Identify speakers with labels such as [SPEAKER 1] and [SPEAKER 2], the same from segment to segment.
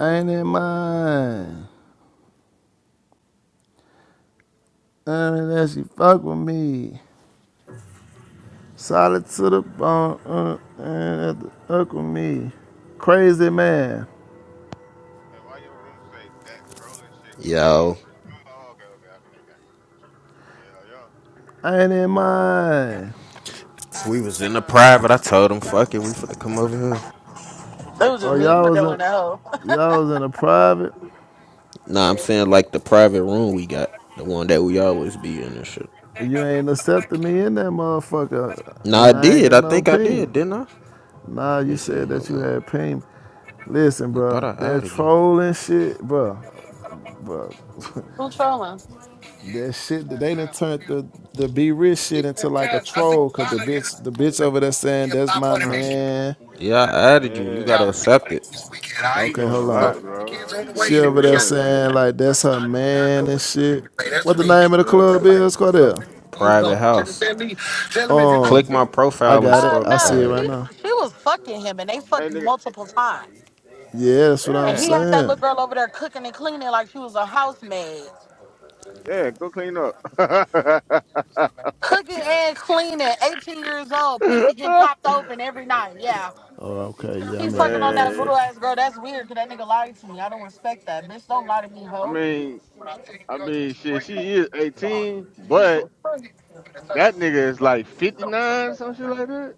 [SPEAKER 1] Ain't in mine. Unless she fuck with me. Solid to the bone. Uh, and the fuck with me. Crazy man.
[SPEAKER 2] Hey, why your room say that trolling shit gonna get
[SPEAKER 3] Yo.
[SPEAKER 2] real? Oh, okay, okay, okay, I got you. Yeah, yeah.
[SPEAKER 1] Ain't in mine.
[SPEAKER 2] Oh,
[SPEAKER 3] We was
[SPEAKER 2] never
[SPEAKER 3] in the
[SPEAKER 2] mind.
[SPEAKER 3] private. I told him, fuck it, we finna come over here.
[SPEAKER 2] What's
[SPEAKER 4] It
[SPEAKER 2] up,
[SPEAKER 4] was
[SPEAKER 1] Oh,
[SPEAKER 4] just me
[SPEAKER 2] Cordell?
[SPEAKER 1] y'all
[SPEAKER 4] for
[SPEAKER 1] was in
[SPEAKER 4] going that hoe.
[SPEAKER 1] y'all was in a private.
[SPEAKER 3] Nah, I'm
[SPEAKER 4] Yeah.
[SPEAKER 3] saying like the private room we got. The one that we always be in and shit.
[SPEAKER 1] You ain't accepted me in that motherfucker.
[SPEAKER 3] Nah, I
[SPEAKER 1] And I ain't
[SPEAKER 3] did.
[SPEAKER 1] get
[SPEAKER 3] I
[SPEAKER 1] no
[SPEAKER 3] think I
[SPEAKER 1] ping.
[SPEAKER 3] did, didn't I?
[SPEAKER 1] Nah,
[SPEAKER 3] Let
[SPEAKER 1] you
[SPEAKER 3] me see.
[SPEAKER 1] said that
[SPEAKER 3] Hold
[SPEAKER 1] you
[SPEAKER 3] on.
[SPEAKER 1] had ping. Listen,
[SPEAKER 3] I thought
[SPEAKER 1] bro,
[SPEAKER 3] I
[SPEAKER 1] that
[SPEAKER 3] added you.
[SPEAKER 1] trolling shit, bro, bro.
[SPEAKER 4] Who trolling?
[SPEAKER 1] That shit, they done turned the the be rich shit into like a troll. Cause the bitch, the bitch over there saying that's my
[SPEAKER 2] Huh?
[SPEAKER 1] man.
[SPEAKER 3] Yeah, I added you. You
[SPEAKER 2] Yeah.
[SPEAKER 3] gotta accept it.
[SPEAKER 2] She
[SPEAKER 1] Okay,
[SPEAKER 2] doing a
[SPEAKER 1] hold on.
[SPEAKER 2] lot, bro. She
[SPEAKER 1] She
[SPEAKER 2] doing
[SPEAKER 1] over
[SPEAKER 2] too
[SPEAKER 1] there
[SPEAKER 2] much,
[SPEAKER 1] saying
[SPEAKER 2] man.
[SPEAKER 1] like that's her man and shit. What the name of the
[SPEAKER 2] Yeah.
[SPEAKER 1] club is, Cordell?
[SPEAKER 3] Private house.
[SPEAKER 1] Um,
[SPEAKER 3] Click my
[SPEAKER 1] I
[SPEAKER 3] profile and
[SPEAKER 1] got it.
[SPEAKER 4] Uh
[SPEAKER 3] scroll.
[SPEAKER 1] I
[SPEAKER 3] All
[SPEAKER 1] see
[SPEAKER 4] no,
[SPEAKER 1] it right
[SPEAKER 4] she
[SPEAKER 3] right.
[SPEAKER 1] now.
[SPEAKER 4] she was fucking him and they
[SPEAKER 2] Hey,
[SPEAKER 4] fucked
[SPEAKER 2] nigga.
[SPEAKER 4] multiple times.
[SPEAKER 1] Yeah, that's what I'm
[SPEAKER 4] And
[SPEAKER 2] Yeah.
[SPEAKER 4] he had that little
[SPEAKER 1] saying.
[SPEAKER 4] girl over there cooking and cleaning like she was a housemaid.
[SPEAKER 2] Yeah, go clean up.
[SPEAKER 4] Cooking and cleaning, 18 years old, pussy getting popped open every night. Yeah.
[SPEAKER 1] Oh, okay. Yeah,
[SPEAKER 4] He's
[SPEAKER 1] I'm in
[SPEAKER 4] fucking
[SPEAKER 1] that
[SPEAKER 4] on that
[SPEAKER 1] motherfucker.
[SPEAKER 4] little
[SPEAKER 2] man.
[SPEAKER 4] ass girl. That's weird because that nigga lied to me. I don't respect that. Bitch, don't lie to me,
[SPEAKER 2] I
[SPEAKER 4] hoe.
[SPEAKER 2] mean, I mean, shit, she is 18, but that nigga is like 59, some shit like that.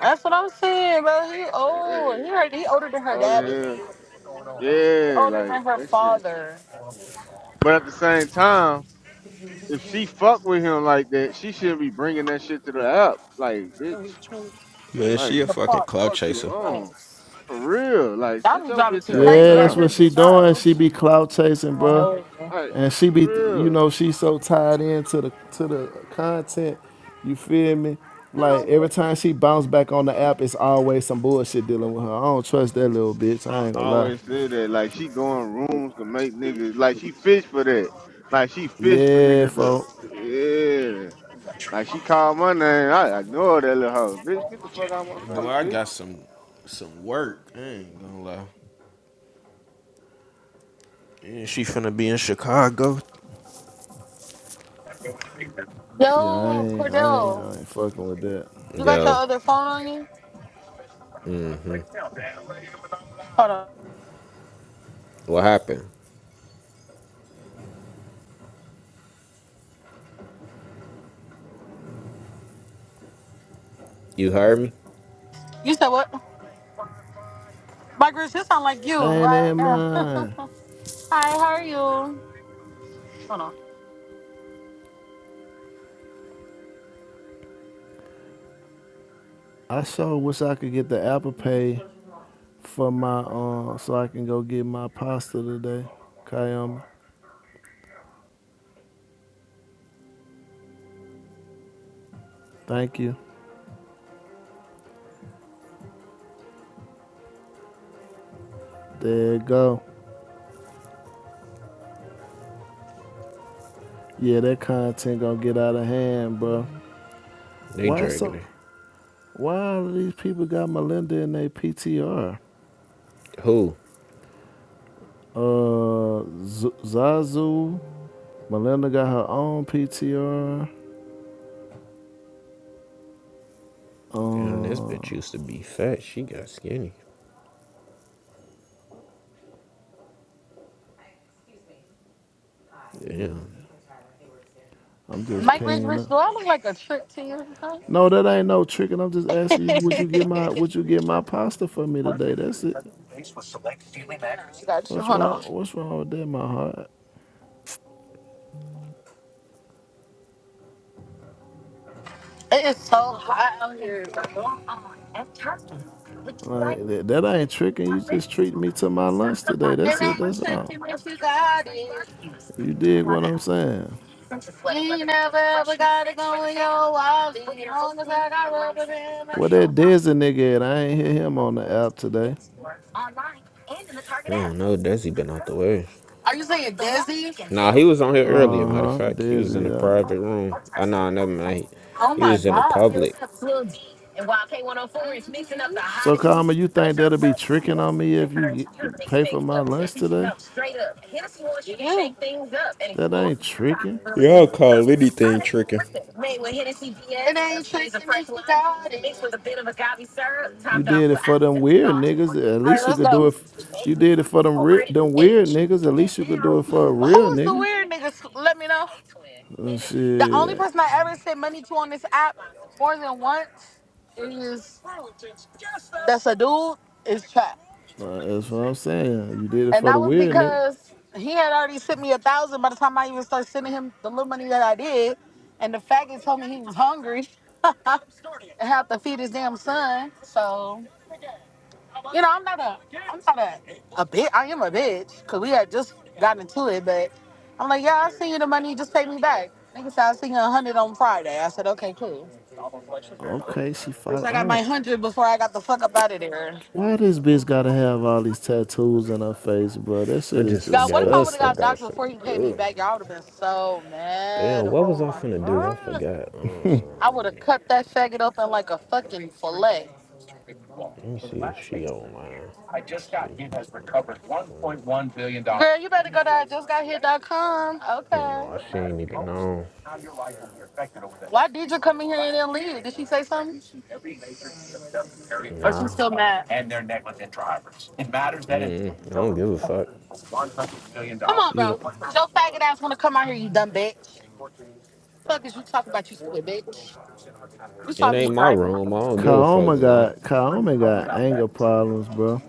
[SPEAKER 4] That's what I'm saying, bro. He
[SPEAKER 2] Hey,
[SPEAKER 4] old. He, already- he older than her
[SPEAKER 2] old
[SPEAKER 4] daddy.
[SPEAKER 2] as hell. Yeah,
[SPEAKER 4] Older
[SPEAKER 2] like,
[SPEAKER 4] than her
[SPEAKER 2] that shit.
[SPEAKER 4] father.
[SPEAKER 2] But at the same time, if she fuck with him like that, she should be bringing that shit to the app. Like, bitch,
[SPEAKER 3] Man,
[SPEAKER 4] in
[SPEAKER 2] like,
[SPEAKER 3] she a
[SPEAKER 4] the
[SPEAKER 3] fucking
[SPEAKER 4] park.
[SPEAKER 3] cloud
[SPEAKER 2] fuck you
[SPEAKER 3] chaser.
[SPEAKER 4] Oh,
[SPEAKER 2] on. For real. Like,
[SPEAKER 4] Y'all
[SPEAKER 2] sit
[SPEAKER 4] be
[SPEAKER 2] your
[SPEAKER 4] driving
[SPEAKER 2] bitch
[SPEAKER 4] too
[SPEAKER 2] ass
[SPEAKER 1] Yeah,
[SPEAKER 4] crazy out
[SPEAKER 1] that's
[SPEAKER 2] down.
[SPEAKER 4] here,
[SPEAKER 1] what she
[SPEAKER 4] bitch. Y'all
[SPEAKER 1] doing. She
[SPEAKER 4] Gucci.
[SPEAKER 1] be clout chasing,
[SPEAKER 4] Oh,
[SPEAKER 1] bruh.
[SPEAKER 4] hell yeah.
[SPEAKER 2] Like,
[SPEAKER 1] and she
[SPEAKER 2] for
[SPEAKER 1] be you
[SPEAKER 2] real.
[SPEAKER 1] know she's so tied into the to the content you feel me like every time she bounce back on the app it's always some bullshit dealing with her i don't trust that little bitch
[SPEAKER 2] I
[SPEAKER 1] i ain't
[SPEAKER 2] I
[SPEAKER 1] gonna lie
[SPEAKER 2] always say that. Like, she going rooms to make niggas. Like, she fish for that. Like, she fish for
[SPEAKER 1] yeah
[SPEAKER 2] niggas to.
[SPEAKER 1] folk
[SPEAKER 2] Yeah. Like, she called my name. I, ignore that little hoe. Bitch, get the fuck out of my
[SPEAKER 3] Boy,
[SPEAKER 2] face,
[SPEAKER 3] I got
[SPEAKER 2] bitch.
[SPEAKER 3] some some work. I ain't gonna lie. And she finna be in Chicago.
[SPEAKER 1] yeah i
[SPEAKER 4] Yo,
[SPEAKER 1] ain't i ain't,
[SPEAKER 4] Cordell,
[SPEAKER 1] I ain't fucking with that
[SPEAKER 4] you got your
[SPEAKER 3] Yo.
[SPEAKER 4] other phone on you?
[SPEAKER 3] Mm-hmm.
[SPEAKER 4] Hold on.
[SPEAKER 3] What happened? You heard me?
[SPEAKER 4] You said what? Mike Rich, this sound like you,
[SPEAKER 1] I ain't
[SPEAKER 4] right?
[SPEAKER 1] in
[SPEAKER 4] Yeah. Hi,
[SPEAKER 1] mine
[SPEAKER 4] how are you? Hold on.
[SPEAKER 1] i sure wish i could get the apple pay for my um so i can go get my pasta today Kayama. thank you there you go yeah that content gonna get out of hand bro
[SPEAKER 3] They
[SPEAKER 1] Why
[SPEAKER 3] dragging
[SPEAKER 1] so?
[SPEAKER 3] her.
[SPEAKER 1] Why all these people got Melinda in their PTR?
[SPEAKER 3] Who?
[SPEAKER 1] Uh, Z- Zazu, Melinda got her own PTR.
[SPEAKER 3] Damn, this bitch
[SPEAKER 1] Uh,
[SPEAKER 3] used to be fat. She got skinny. Damn.
[SPEAKER 1] I'm just
[SPEAKER 4] Mike Rich,
[SPEAKER 1] pinging
[SPEAKER 4] Rich,
[SPEAKER 1] up.
[SPEAKER 4] do I look like a trick to you? Tonight?
[SPEAKER 1] No, that ain't no tricking. I'm just asking you, would you get my would you get my pasta for me today? That's it.
[SPEAKER 4] got you.
[SPEAKER 1] What's
[SPEAKER 4] Hold
[SPEAKER 1] wrong?
[SPEAKER 4] on.
[SPEAKER 1] What's wrong with that, my heart?
[SPEAKER 4] It is so hot out here. bro.
[SPEAKER 1] Like that, that ain't tricking. You
[SPEAKER 4] It ain't
[SPEAKER 1] just treating me to my lunch today. That's it. That's all.
[SPEAKER 4] tricking if you got it.
[SPEAKER 1] You dig what I'm saying?
[SPEAKER 4] You never ever got it going your wallet. Long as I got rubber band. man,
[SPEAKER 1] Well,
[SPEAKER 4] it's on
[SPEAKER 1] that
[SPEAKER 4] my-
[SPEAKER 1] Desi nigga, at? I ain't hear him on the app today.
[SPEAKER 3] I don't know. Desi been out the way.
[SPEAKER 4] Are you saying
[SPEAKER 3] Nah,
[SPEAKER 4] Desi?
[SPEAKER 3] he was on here earlier.
[SPEAKER 1] Uh
[SPEAKER 3] Matter of
[SPEAKER 1] huh.
[SPEAKER 3] fact, he was
[SPEAKER 1] Dizzy.
[SPEAKER 3] in a
[SPEAKER 1] Yeah.
[SPEAKER 3] private room. I nah, never mind.
[SPEAKER 4] Oh
[SPEAKER 3] He
[SPEAKER 4] my
[SPEAKER 3] was in a
[SPEAKER 4] God. Yeah. It ain't
[SPEAKER 3] public.
[SPEAKER 4] shaking me,
[SPEAKER 1] So, Karma, you think that'll be tricking on me if you get, pay for my lunch today? That ain't tricking.
[SPEAKER 3] Y'all call anything tricking.
[SPEAKER 4] God. All
[SPEAKER 1] You did it for them weird niggas. At least
[SPEAKER 4] right,
[SPEAKER 1] you
[SPEAKER 4] let's
[SPEAKER 1] could
[SPEAKER 4] go.
[SPEAKER 1] do it. f- You did it for them re- them weird niggas. At least you could do it for a real
[SPEAKER 4] Who is the
[SPEAKER 1] nigga.
[SPEAKER 4] weird niggas? Let me know.
[SPEAKER 1] Uh,
[SPEAKER 4] The only
[SPEAKER 1] shit.
[SPEAKER 4] person I ever sent money to on this app more than once is that's a dude is Trap,
[SPEAKER 1] Uh, that's what I'm saying. You did it
[SPEAKER 4] and
[SPEAKER 1] for
[SPEAKER 4] that
[SPEAKER 1] the
[SPEAKER 4] was
[SPEAKER 1] weird nigga.
[SPEAKER 4] because he had already sent me a thousand by the time I even started sending him the little money that I did, and the faggot told me he was hungry and had to feed his damn son. So. You know, I'm not a, I'm not a, a bitch. I am a bitch because we had just gotten into it, but I'm like, yeah, I send you the money, just pay me back. Nigga said I send you a hundred on Friday. I said, okay, cool.
[SPEAKER 1] Okay, she
[SPEAKER 4] Bitch,
[SPEAKER 1] fought
[SPEAKER 4] I got
[SPEAKER 1] on.
[SPEAKER 4] my hundred before I got the fuck up out of there.
[SPEAKER 1] Why this bitch gotta have all these tattoos in her face, bro? That
[SPEAKER 3] I
[SPEAKER 1] shit is
[SPEAKER 3] just
[SPEAKER 4] Y'all, what
[SPEAKER 3] forgot
[SPEAKER 4] if
[SPEAKER 3] what
[SPEAKER 4] I
[SPEAKER 3] the
[SPEAKER 4] would
[SPEAKER 1] disgusting.
[SPEAKER 4] have
[SPEAKER 3] fuck I
[SPEAKER 4] got doxxed
[SPEAKER 3] was
[SPEAKER 4] before he
[SPEAKER 3] finna
[SPEAKER 4] paid me
[SPEAKER 3] do.
[SPEAKER 4] back? Y'all would have been so
[SPEAKER 3] Damn,
[SPEAKER 4] mad.
[SPEAKER 3] what
[SPEAKER 4] Oh
[SPEAKER 3] was I
[SPEAKER 4] my
[SPEAKER 3] finna do? I
[SPEAKER 4] god.
[SPEAKER 3] forgot.
[SPEAKER 4] I would
[SPEAKER 3] Um,
[SPEAKER 4] have cut that faggot open like a fucking fillet. Girl,
[SPEAKER 3] let me
[SPEAKER 4] you
[SPEAKER 3] see
[SPEAKER 4] better
[SPEAKER 3] if
[SPEAKER 4] go
[SPEAKER 3] she online. Let's see. What's up, Quinn?
[SPEAKER 4] to I just got here.com.
[SPEAKER 3] I don't
[SPEAKER 4] Okay.
[SPEAKER 3] know. She ain't even known.
[SPEAKER 4] Why did you come in here and then leave? Did she say something? Or
[SPEAKER 3] Nah.
[SPEAKER 4] she's still mad? Come on,
[SPEAKER 3] Mm-mm. I don't give a
[SPEAKER 1] We
[SPEAKER 3] fuck.
[SPEAKER 1] offer two services, legacy Yeah.
[SPEAKER 4] bro. Your faggot
[SPEAKER 1] Saliva,
[SPEAKER 4] ass
[SPEAKER 1] so
[SPEAKER 4] want to
[SPEAKER 1] we
[SPEAKER 4] come out
[SPEAKER 1] can
[SPEAKER 4] here, you dumb
[SPEAKER 1] trace their
[SPEAKER 4] bitch
[SPEAKER 1] family tree, and
[SPEAKER 4] fuck is you
[SPEAKER 1] health,
[SPEAKER 4] talking about, you
[SPEAKER 1] where
[SPEAKER 4] stupid
[SPEAKER 1] we
[SPEAKER 4] bitch?
[SPEAKER 1] profile individuals
[SPEAKER 4] You saw
[SPEAKER 3] It
[SPEAKER 4] me
[SPEAKER 3] ain't my
[SPEAKER 4] driving.
[SPEAKER 3] room. I
[SPEAKER 1] genetically.
[SPEAKER 3] don't give a fuck.
[SPEAKER 1] Kaoma
[SPEAKER 3] No,
[SPEAKER 1] got Kaoma got anger problems, bro.